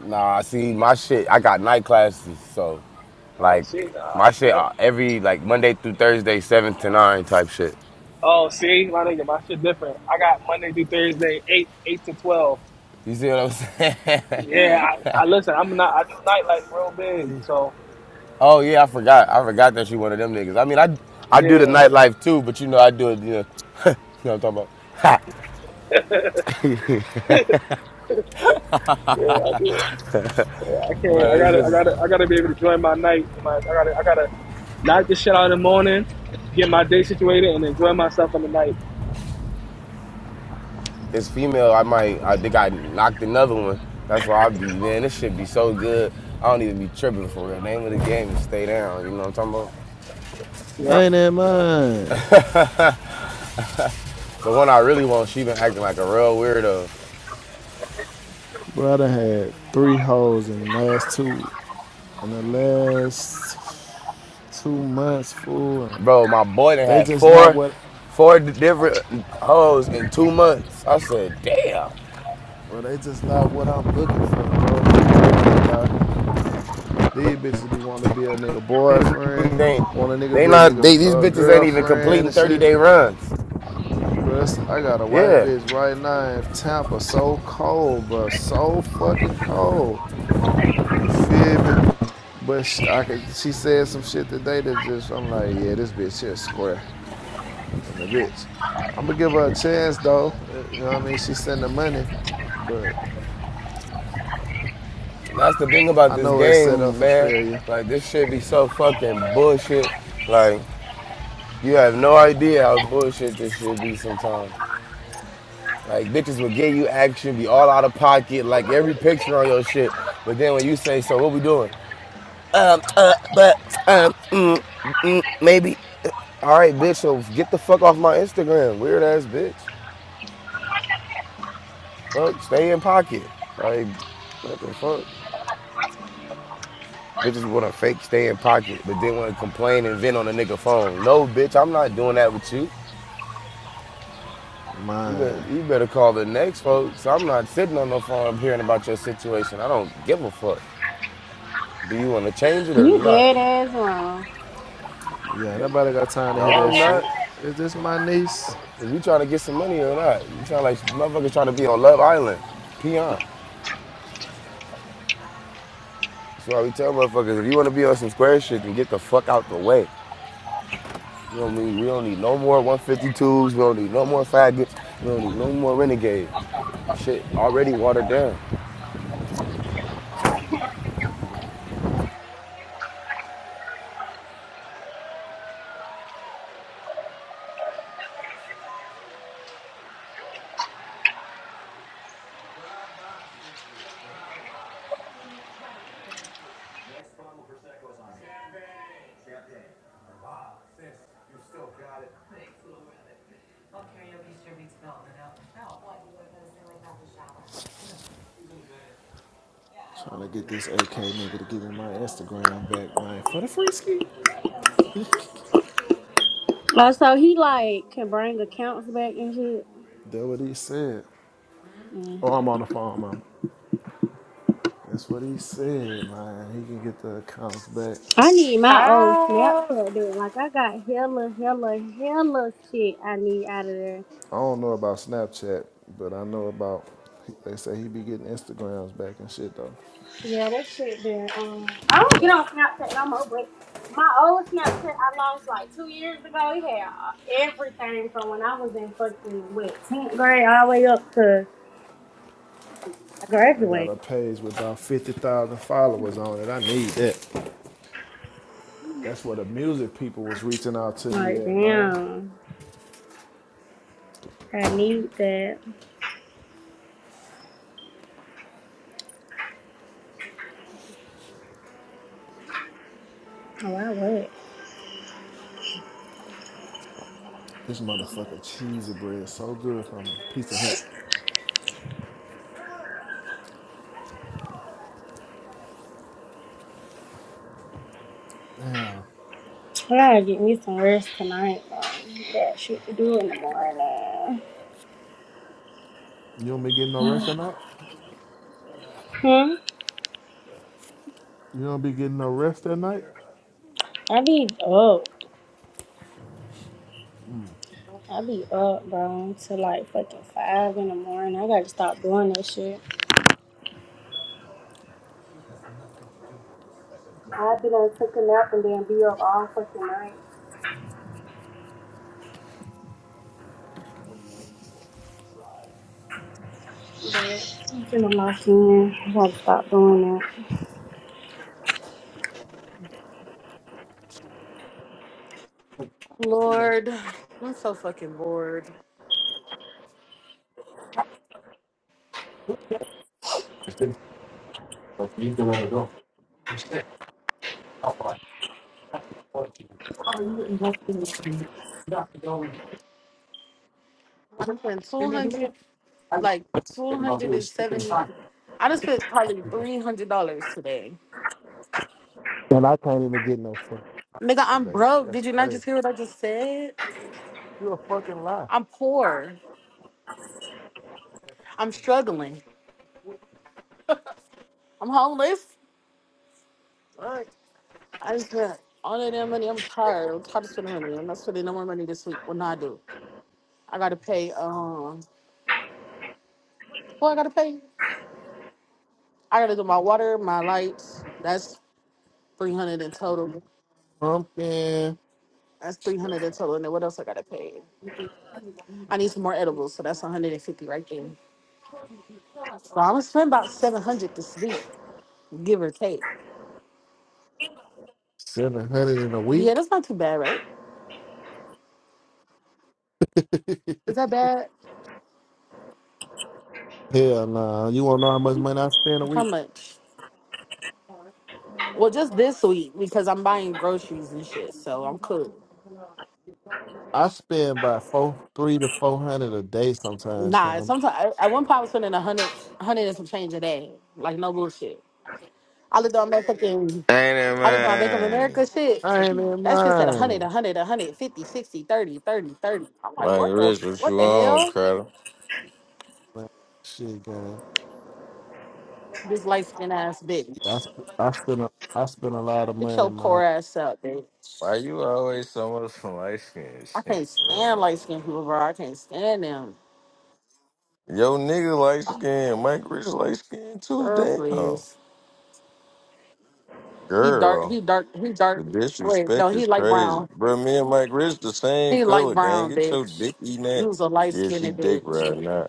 [SPEAKER 6] Nah, see, my shit, I got night classes, so
[SPEAKER 7] Oh,
[SPEAKER 6] like
[SPEAKER 7] see, nah,
[SPEAKER 6] my
[SPEAKER 7] see,
[SPEAKER 6] shit
[SPEAKER 7] I,
[SPEAKER 6] uh, every like Monday through Thursday, seven to nine type shit.
[SPEAKER 7] oh, see, my nigga, my shit different. I got Monday through Thursday, eight, eight to twelve.
[SPEAKER 6] You see what I'm saying?
[SPEAKER 7] Yeah, I, I listen. I'm not. I do nightlife real big. So
[SPEAKER 6] oh yeah, I forgot. I forgot that you one of them niggas. I mean, I I do the
[SPEAKER 7] yeah,
[SPEAKER 6] nightlife too, but you know I do it. You know, you know what I'm talking about.
[SPEAKER 7] yeah, I do. Yeah, I can't. I
[SPEAKER 6] but it's
[SPEAKER 7] gotta. I
[SPEAKER 6] just
[SPEAKER 7] gotta. I gotta be able to join my night. And my. I gotta. I gotta knock this shit out in the morning, get my day situated, and enjoy myself in the night.
[SPEAKER 6] it's female. I might I think I knocked another one. That's why I be man. This shit be so good. I don't even be tripping for real. Name of the game is stay down. You know what I'm talking about?
[SPEAKER 7] Yeah.
[SPEAKER 1] Ain't that mine?
[SPEAKER 6] The one I really want, she been acting like a real weirdo.
[SPEAKER 1] Bro, I done had three hoes in the last two in the last two months, fool. and
[SPEAKER 6] Bro, my boy done
[SPEAKER 1] They
[SPEAKER 6] had
[SPEAKER 1] just not
[SPEAKER 6] four,
[SPEAKER 1] what
[SPEAKER 6] four different hoes in two months. I said,
[SPEAKER 1] bro, they just not what I'm looking for, bro. I ain't gonna lie. These bitches be wanting to be a nigga
[SPEAKER 6] damn,
[SPEAKER 1] boyfriend,
[SPEAKER 6] they,
[SPEAKER 1] want a nigga to
[SPEAKER 6] they
[SPEAKER 1] be a
[SPEAKER 6] not,
[SPEAKER 1] nigga
[SPEAKER 6] they, these
[SPEAKER 1] uh,
[SPEAKER 6] bitches ain't even
[SPEAKER 1] girlfriend
[SPEAKER 6] completing
[SPEAKER 1] and
[SPEAKER 6] 30
[SPEAKER 1] shit.
[SPEAKER 6] day runs.
[SPEAKER 1] Bro, I got a white
[SPEAKER 6] Yeah.
[SPEAKER 1] bitch right now in Tampa. So cold, bro. So fucking cold. You feel me? But sh- I could, she said some shit today that just, I'm like, yeah, this bitch here square. And the bitch. I'm gonna give her a chance though. Uh, You know what I mean? She send the money, but
[SPEAKER 6] and That's the thing about
[SPEAKER 1] I
[SPEAKER 6] this
[SPEAKER 1] know it's set up
[SPEAKER 6] game,
[SPEAKER 1] for
[SPEAKER 6] man.
[SPEAKER 1] failure.
[SPEAKER 6] Like, this shit be so fucking bullshit. Like, you have no idea how bullshit this shit be sometimes. Like, bitches will get you action, be all out of pocket, like every picture on your shit. But then when you say, so what we doing? But um, mm, mm, maybe. All right, bitch. So get the fuck off my Instagram, weird ass bitch. Fuck, stay in pocket. Like, what the fuck? Bitches want to fake stay in pocket, but then want to complain and vent on a nigga phone. No, bitch, I'm not doing that with you. You better,
[SPEAKER 1] Man.
[SPEAKER 6] you better call the next folks. I'm not sitting on no phone. I'm hearing about your situation. I don't give a fuck. Do you want to change it or not?
[SPEAKER 1] Yeah,
[SPEAKER 6] But,
[SPEAKER 1] nobody got time to
[SPEAKER 6] no,
[SPEAKER 1] hear that
[SPEAKER 6] I'm
[SPEAKER 1] shit.
[SPEAKER 6] not.
[SPEAKER 1] Is this my niece?
[SPEAKER 6] Is we trying to get some money or not? You sound like motherfuckers trying to be on Love Island. Peon. That's why we tell motherfuckers if you want to be on some square shit, then get the fuck out the way. You know what I mean? We don't need no more 152s. We don't need no more faggots. We don't need no more renegades. Shit already watered down.
[SPEAKER 1] Trying to get this AK nigga to give me my Instagram back, man, for the free ski.
[SPEAKER 5] so he like can bring accounts back and shit.
[SPEAKER 1] That what he said. Oh, I'm on the phone, man. That's what he said, man. He can get the accounts back.
[SPEAKER 5] I need my old
[SPEAKER 4] Oh
[SPEAKER 5] Snapchat there. Like I got hella, hella, hella shit I need out of there.
[SPEAKER 1] I don't know about Snapchat, but I know about. They say he be getting Instagrams back and shit though.
[SPEAKER 5] Yeah, that shit there. Um, I
[SPEAKER 1] I
[SPEAKER 5] don't get
[SPEAKER 1] got,
[SPEAKER 5] on Snapchat no more, but my old Snapchat I lost like two years ago. It had uh, everything from when I was in fucking what tenth grade all the way up to I
[SPEAKER 1] I got a
[SPEAKER 5] graduated.
[SPEAKER 1] page with about fifty thousand followers on it. I need that. That's what the music people was reaching out to me
[SPEAKER 5] Like
[SPEAKER 1] at, man.
[SPEAKER 5] damn, I need that. Oh, I would.
[SPEAKER 1] This motherfucker cheesy bread so good from Pizza Hut. Damn,
[SPEAKER 5] I gotta get me some rest tonight, bro. Got shit to do in the morning.
[SPEAKER 1] you don't be getting no rest at night. You don't be getting no rest at night.
[SPEAKER 5] I be up. I be up, bro, to like fucking five in the morning. I gotta stop doing that shit. I be done took a nap and then be up all fucking night. But I'm finna lock in. I gotta stop doing that.
[SPEAKER 4] Lord. I'm so fucking bored. I done spent two hundred like two hundred and seventy I just spent probably three hundred dollars today. Nigga, I'm broke. Did you not just hear what I just said? I'm poor. I'm struggling. I'm homeless. Right. I just spent all of that money. I'm tired. I'm tired of spending money. I'm not spending no more money this week. Well, no, I do. I gotta pay. Um, what I gotta pay? I gotta do my water, my lights. That's three hundred in total.
[SPEAKER 1] Pumpkin,
[SPEAKER 4] That's three hundred in total. And then what else I gotta pay? I need some more edibles, so that's one hundred and fifty right there. So I'm gonna spend about seven hundred this week, give or take.
[SPEAKER 1] seven hundred in a
[SPEAKER 4] Yeah,
[SPEAKER 1] week.
[SPEAKER 4] that's not too bad, right? Is that bad?
[SPEAKER 1] Hell nah. You wanna know how much money I spend a
[SPEAKER 4] How
[SPEAKER 1] week?
[SPEAKER 4] much? Well, just this week because I'm buying groceries and shit, so I'm cool.
[SPEAKER 1] I spend by four three to four hundred a day sometimes,
[SPEAKER 4] Nah,
[SPEAKER 1] come.
[SPEAKER 4] sometimes at one point I was spending a hundred, hundred and some change a day, like no bullshit. I looked on my fucking,
[SPEAKER 9] Ain't it,
[SPEAKER 4] I looked on my Bank of
[SPEAKER 9] man?
[SPEAKER 4] America shit.
[SPEAKER 1] I ain't in
[SPEAKER 4] That shit said a hundred,
[SPEAKER 1] mine.
[SPEAKER 4] a hundred, a hundred, fifty, sixty, thirty, thirty, thirty. I'm like,
[SPEAKER 9] Like,
[SPEAKER 4] what the,
[SPEAKER 9] Rich, what
[SPEAKER 4] what
[SPEAKER 9] you
[SPEAKER 4] the
[SPEAKER 9] on,
[SPEAKER 4] hell?
[SPEAKER 9] Cradle?
[SPEAKER 1] Man, shit, man.
[SPEAKER 4] This light skin ass
[SPEAKER 1] I,
[SPEAKER 4] bitch,
[SPEAKER 1] sp- I spend a I spend a lot of
[SPEAKER 4] get
[SPEAKER 1] money,
[SPEAKER 4] your
[SPEAKER 1] man.
[SPEAKER 4] poor ass up, bitch.
[SPEAKER 9] Why you always someone from light skin
[SPEAKER 4] I
[SPEAKER 9] shit,
[SPEAKER 4] can't
[SPEAKER 9] bro?
[SPEAKER 4] stand light
[SPEAKER 9] Like,
[SPEAKER 4] skinned people, bro. I can't stand them.
[SPEAKER 9] yo, nigga light skin, Mike Rich light skin too,
[SPEAKER 4] Girl,
[SPEAKER 9] damn.
[SPEAKER 4] please. He dark, he
[SPEAKER 9] Girl,
[SPEAKER 4] dark, he dark.
[SPEAKER 9] the
[SPEAKER 4] Wait, no,
[SPEAKER 9] disrespect
[SPEAKER 4] he
[SPEAKER 9] is
[SPEAKER 4] light
[SPEAKER 9] crazy.
[SPEAKER 4] brown.
[SPEAKER 9] Bro, me and Mike Rich the same
[SPEAKER 4] He light
[SPEAKER 9] color, gang.
[SPEAKER 4] brown,
[SPEAKER 9] Get your
[SPEAKER 4] bitch.
[SPEAKER 9] dick eating
[SPEAKER 4] He
[SPEAKER 9] that.
[SPEAKER 4] was a light
[SPEAKER 9] Yeah,
[SPEAKER 4] skinned
[SPEAKER 9] she dick
[SPEAKER 4] bitch.
[SPEAKER 9] right now.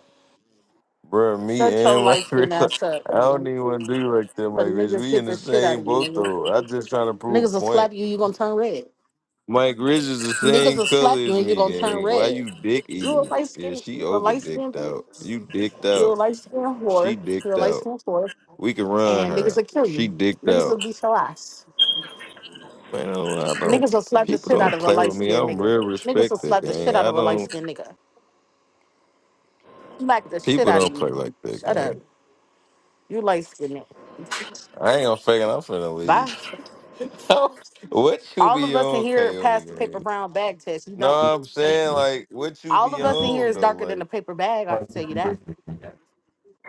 [SPEAKER 9] Bro, me
[SPEAKER 4] Shut your
[SPEAKER 9] and Mike
[SPEAKER 4] light skin
[SPEAKER 9] Rich,
[SPEAKER 4] ass up,
[SPEAKER 9] I don't
[SPEAKER 4] nigga.
[SPEAKER 9] even want to do like that,
[SPEAKER 4] For
[SPEAKER 9] Mike Rich.
[SPEAKER 4] niggas
[SPEAKER 9] We in
[SPEAKER 4] hit
[SPEAKER 9] the
[SPEAKER 4] the shit out
[SPEAKER 9] same
[SPEAKER 4] of you,
[SPEAKER 9] boat,
[SPEAKER 4] nigga.
[SPEAKER 9] though. I just trying to prove
[SPEAKER 4] Niggas
[SPEAKER 9] a
[SPEAKER 4] will
[SPEAKER 9] point.
[SPEAKER 4] slap you, you gonna turn red.
[SPEAKER 9] Mike Rich is the
[SPEAKER 4] Niggas
[SPEAKER 9] same
[SPEAKER 4] will
[SPEAKER 9] color
[SPEAKER 4] slap you
[SPEAKER 9] as
[SPEAKER 4] and you
[SPEAKER 9] me,
[SPEAKER 4] gonna turn
[SPEAKER 9] gang. Why
[SPEAKER 4] red.
[SPEAKER 9] you dick
[SPEAKER 4] You a
[SPEAKER 9] eating?
[SPEAKER 4] light
[SPEAKER 9] Yeah,
[SPEAKER 4] skin,
[SPEAKER 9] she
[SPEAKER 4] you a
[SPEAKER 9] over
[SPEAKER 4] light skin
[SPEAKER 9] dicked out.
[SPEAKER 4] bitch.
[SPEAKER 9] You dicked
[SPEAKER 4] You a
[SPEAKER 9] out.
[SPEAKER 4] light skin whore.
[SPEAKER 9] She
[SPEAKER 4] You a
[SPEAKER 9] dicked
[SPEAKER 4] light
[SPEAKER 9] out.
[SPEAKER 4] skin whore.
[SPEAKER 9] We can run
[SPEAKER 4] And niggas
[SPEAKER 9] her.
[SPEAKER 4] will kill
[SPEAKER 9] She
[SPEAKER 4] you.
[SPEAKER 9] dicked
[SPEAKER 4] Niggas will
[SPEAKER 9] out.
[SPEAKER 4] beat your ass.
[SPEAKER 9] Man, I don't. I don't-
[SPEAKER 4] Niggas will slap the
[SPEAKER 9] People
[SPEAKER 4] shit out
[SPEAKER 9] don't
[SPEAKER 4] of a
[SPEAKER 9] play
[SPEAKER 4] light
[SPEAKER 9] with me.
[SPEAKER 4] skinned
[SPEAKER 9] I'm
[SPEAKER 4] nigga.
[SPEAKER 9] real
[SPEAKER 4] Niggas will
[SPEAKER 9] respected,
[SPEAKER 4] slap the shit
[SPEAKER 9] gang.
[SPEAKER 4] out
[SPEAKER 9] I
[SPEAKER 4] of a light
[SPEAKER 9] don't.
[SPEAKER 4] skinned nigga. Smack the shit
[SPEAKER 9] People
[SPEAKER 4] out of
[SPEAKER 9] don't play
[SPEAKER 4] you.
[SPEAKER 9] like that,
[SPEAKER 4] Shut up.
[SPEAKER 9] gang.
[SPEAKER 4] You light skinned.
[SPEAKER 9] I ain't gonna fake it. I'm finna
[SPEAKER 4] Bye.
[SPEAKER 9] league. what you
[SPEAKER 4] All
[SPEAKER 9] be
[SPEAKER 4] of us in
[SPEAKER 9] on,
[SPEAKER 4] here passed the
[SPEAKER 9] Kaomi,
[SPEAKER 4] paper
[SPEAKER 9] gang?
[SPEAKER 4] brown bag test. You
[SPEAKER 9] No,
[SPEAKER 4] don't.
[SPEAKER 9] I'm saying like what you
[SPEAKER 4] All
[SPEAKER 9] be
[SPEAKER 4] of us in here
[SPEAKER 9] on
[SPEAKER 4] is
[SPEAKER 9] though.
[SPEAKER 4] darker than
[SPEAKER 9] Like,
[SPEAKER 4] a paper bag. I can tell you that.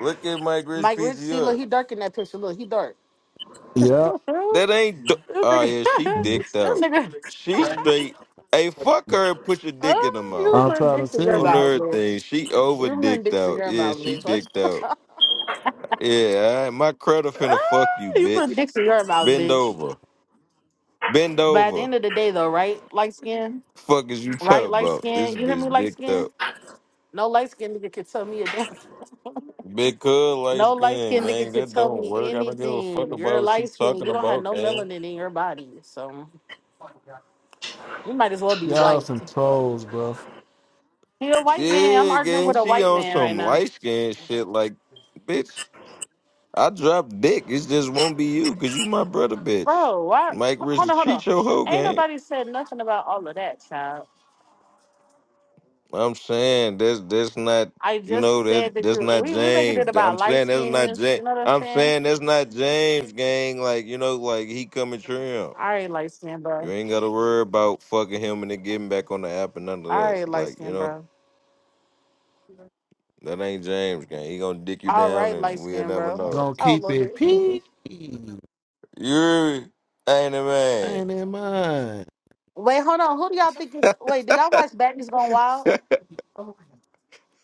[SPEAKER 9] look at Mike Rich
[SPEAKER 4] Mike Rich, see, look,
[SPEAKER 9] PGR.
[SPEAKER 4] he dark in that picture. Look, he dark. this
[SPEAKER 9] That ain't. D- oh
[SPEAKER 4] nigga,
[SPEAKER 9] yeah, she dicked
[SPEAKER 4] this
[SPEAKER 9] out.
[SPEAKER 4] nigga,
[SPEAKER 9] She straight. Hey, fuck her and put your dick in her
[SPEAKER 4] oh, you
[SPEAKER 9] mouth.
[SPEAKER 4] put dicks in your
[SPEAKER 9] On
[SPEAKER 4] mouth,
[SPEAKER 9] everything,
[SPEAKER 4] bitch.
[SPEAKER 9] she over
[SPEAKER 4] You put
[SPEAKER 9] dicked
[SPEAKER 4] dicks in
[SPEAKER 9] out.
[SPEAKER 4] your
[SPEAKER 9] Yeah,
[SPEAKER 4] mouth,
[SPEAKER 9] she
[SPEAKER 4] bitch.
[SPEAKER 9] dicked out.
[SPEAKER 4] Watch-
[SPEAKER 9] Yeah, all right. my credit
[SPEAKER 4] Ah,
[SPEAKER 9] finna fuck you,
[SPEAKER 4] you
[SPEAKER 9] bitch.
[SPEAKER 4] put dicks in your mouth,
[SPEAKER 9] Bend
[SPEAKER 4] bitch.
[SPEAKER 9] over. Bend
[SPEAKER 4] But at the
[SPEAKER 9] over.
[SPEAKER 4] end of the day, though, right? Light skin,
[SPEAKER 9] Fuck is you
[SPEAKER 4] right?
[SPEAKER 9] talking
[SPEAKER 4] Light
[SPEAKER 9] about? This
[SPEAKER 4] skin. You hear
[SPEAKER 9] bitch
[SPEAKER 4] me? Light
[SPEAKER 9] dicked
[SPEAKER 4] skin.
[SPEAKER 9] up.
[SPEAKER 4] No light skin nigga could tell me a damn. thing.
[SPEAKER 9] Big cuz light
[SPEAKER 4] No light
[SPEAKER 9] skin,
[SPEAKER 4] skin
[SPEAKER 9] gang.
[SPEAKER 4] nigga could
[SPEAKER 9] That
[SPEAKER 4] tell
[SPEAKER 9] don't
[SPEAKER 4] me
[SPEAKER 9] work. I don't give a fuck
[SPEAKER 4] anything. You're
[SPEAKER 9] about what she
[SPEAKER 4] light skin.
[SPEAKER 9] talking
[SPEAKER 4] You don't have
[SPEAKER 9] about,
[SPEAKER 4] no
[SPEAKER 9] gang.
[SPEAKER 4] melanin in your body, so. You might as well be
[SPEAKER 1] Y'all
[SPEAKER 4] white.
[SPEAKER 1] some trolls, bro.
[SPEAKER 4] He a white man. I'm
[SPEAKER 9] Yeah,
[SPEAKER 4] arguing with
[SPEAKER 9] gang.
[SPEAKER 4] a
[SPEAKER 9] She
[SPEAKER 4] white
[SPEAKER 9] on
[SPEAKER 4] man right
[SPEAKER 9] some
[SPEAKER 4] now.
[SPEAKER 9] light skin shit like bitch. I drop dick. It just won't be you, cause you my brother, bitch.
[SPEAKER 4] Bro, why?
[SPEAKER 9] Mike
[SPEAKER 4] Hold on,
[SPEAKER 9] Rich
[SPEAKER 4] hold
[SPEAKER 9] treat
[SPEAKER 4] on.
[SPEAKER 9] your hoe
[SPEAKER 4] Ain't
[SPEAKER 9] game.
[SPEAKER 4] nobody said nothing about all of that, child.
[SPEAKER 9] I'm saying that's that's not
[SPEAKER 4] I
[SPEAKER 9] you know
[SPEAKER 4] just
[SPEAKER 9] that
[SPEAKER 4] said that
[SPEAKER 9] that's
[SPEAKER 4] you
[SPEAKER 9] not
[SPEAKER 4] we we making it
[SPEAKER 9] James.
[SPEAKER 4] about
[SPEAKER 9] I'm
[SPEAKER 4] light
[SPEAKER 9] saying that's not
[SPEAKER 4] skins.
[SPEAKER 9] James.
[SPEAKER 4] You know what I'm
[SPEAKER 9] I'm
[SPEAKER 4] saying?
[SPEAKER 9] saying that's not James, gang. Like you know, like he coming trim.
[SPEAKER 4] All right, light skin,
[SPEAKER 9] You
[SPEAKER 4] bro.
[SPEAKER 9] ain't gotta worry about fucking him and then getting back on the app and none of
[SPEAKER 4] All
[SPEAKER 9] that.
[SPEAKER 4] right, light
[SPEAKER 9] Like you
[SPEAKER 4] skin,
[SPEAKER 9] know,
[SPEAKER 4] bro.
[SPEAKER 9] that ain't James, gang. He gonna dick you
[SPEAKER 4] All
[SPEAKER 9] down
[SPEAKER 4] right, light
[SPEAKER 9] and we'll
[SPEAKER 4] skin,
[SPEAKER 9] never
[SPEAKER 4] bro.
[SPEAKER 9] know.
[SPEAKER 1] Gonna
[SPEAKER 4] Oh
[SPEAKER 1] keep it
[SPEAKER 4] Lord.
[SPEAKER 1] pee. I
[SPEAKER 9] You ain't a man.
[SPEAKER 1] ain't in mine.
[SPEAKER 4] Wait, hold on. Who do y'all think is wait, do y'all watch Batman's Gone Wild?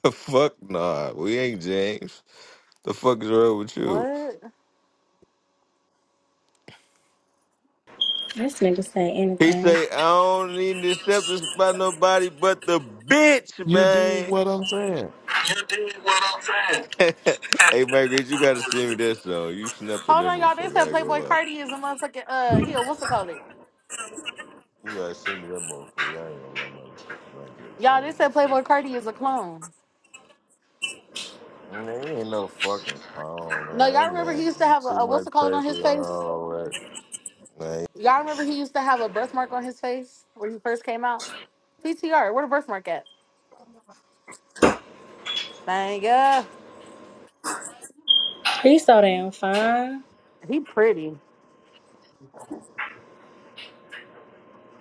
[SPEAKER 9] Fuck nah, we ain't James. The fuck is wrong with you?
[SPEAKER 4] What?
[SPEAKER 5] This nigga say
[SPEAKER 9] He
[SPEAKER 5] anything.
[SPEAKER 9] say, I don't need to accept this by nobody but the bitch, man.
[SPEAKER 5] You did what I'm saying.
[SPEAKER 9] hey, Mike Rich, you gotta send me that song. You snapped on that
[SPEAKER 4] Hold on, y'all. They
[SPEAKER 9] motherfucker.
[SPEAKER 4] said
[SPEAKER 9] I ain't gonna
[SPEAKER 4] Playboy
[SPEAKER 9] lie.
[SPEAKER 4] Cardi is a motherfucking uh heel, what's it called it?
[SPEAKER 9] You gotta send me that motherfucker. I ain't gonna lie, Mike, Mike Rich. I
[SPEAKER 4] Y'all, they
[SPEAKER 9] ain't
[SPEAKER 4] said
[SPEAKER 9] gonna
[SPEAKER 4] Playboy
[SPEAKER 9] sleep.
[SPEAKER 4] Cardi is a clone.
[SPEAKER 9] Man, ain't no fucking phone,
[SPEAKER 4] No, y'all
[SPEAKER 9] man.
[SPEAKER 4] remember he
[SPEAKER 9] Man,
[SPEAKER 4] used to have a,
[SPEAKER 9] too
[SPEAKER 4] a
[SPEAKER 9] much
[SPEAKER 4] what's it called on his
[SPEAKER 9] paper,
[SPEAKER 4] face?
[SPEAKER 9] all that. man.
[SPEAKER 4] Y'all remember he used to have a birthmark on his face when he first came out? PTR, where the birthmark at? Thank ya.
[SPEAKER 5] Damn fine.
[SPEAKER 4] He pretty.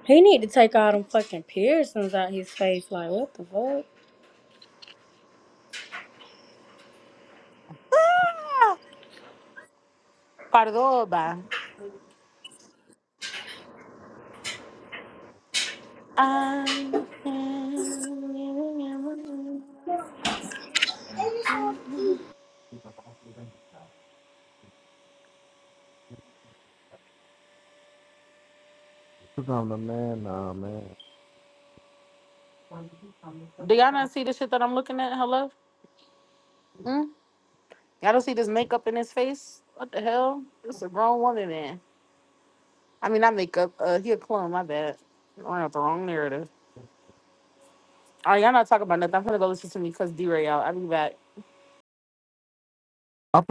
[SPEAKER 5] He need to take all them fucking piercings out his face. Like what the fuck?
[SPEAKER 4] Ah, Cordoba. I can-
[SPEAKER 1] Cause I'm the man now, man.
[SPEAKER 4] Do y'all not see the shit that I'm looking at? Hello? Mm? Y'all don't see this makeup in his face? What the hell? This a grown woman, man. I mean, not makeup. Uh, he a clone. My bad. I ran out the wrong narrative. All right, y'all not talking about nothing. I'm gonna go listen to me because D-Ray out. I'll be back.
[SPEAKER 1] I'm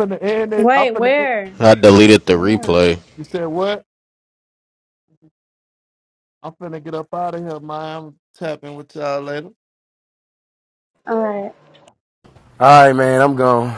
[SPEAKER 3] I deleted the replay.
[SPEAKER 1] fat.
[SPEAKER 5] Alright.
[SPEAKER 6] All right, man, I'm gone.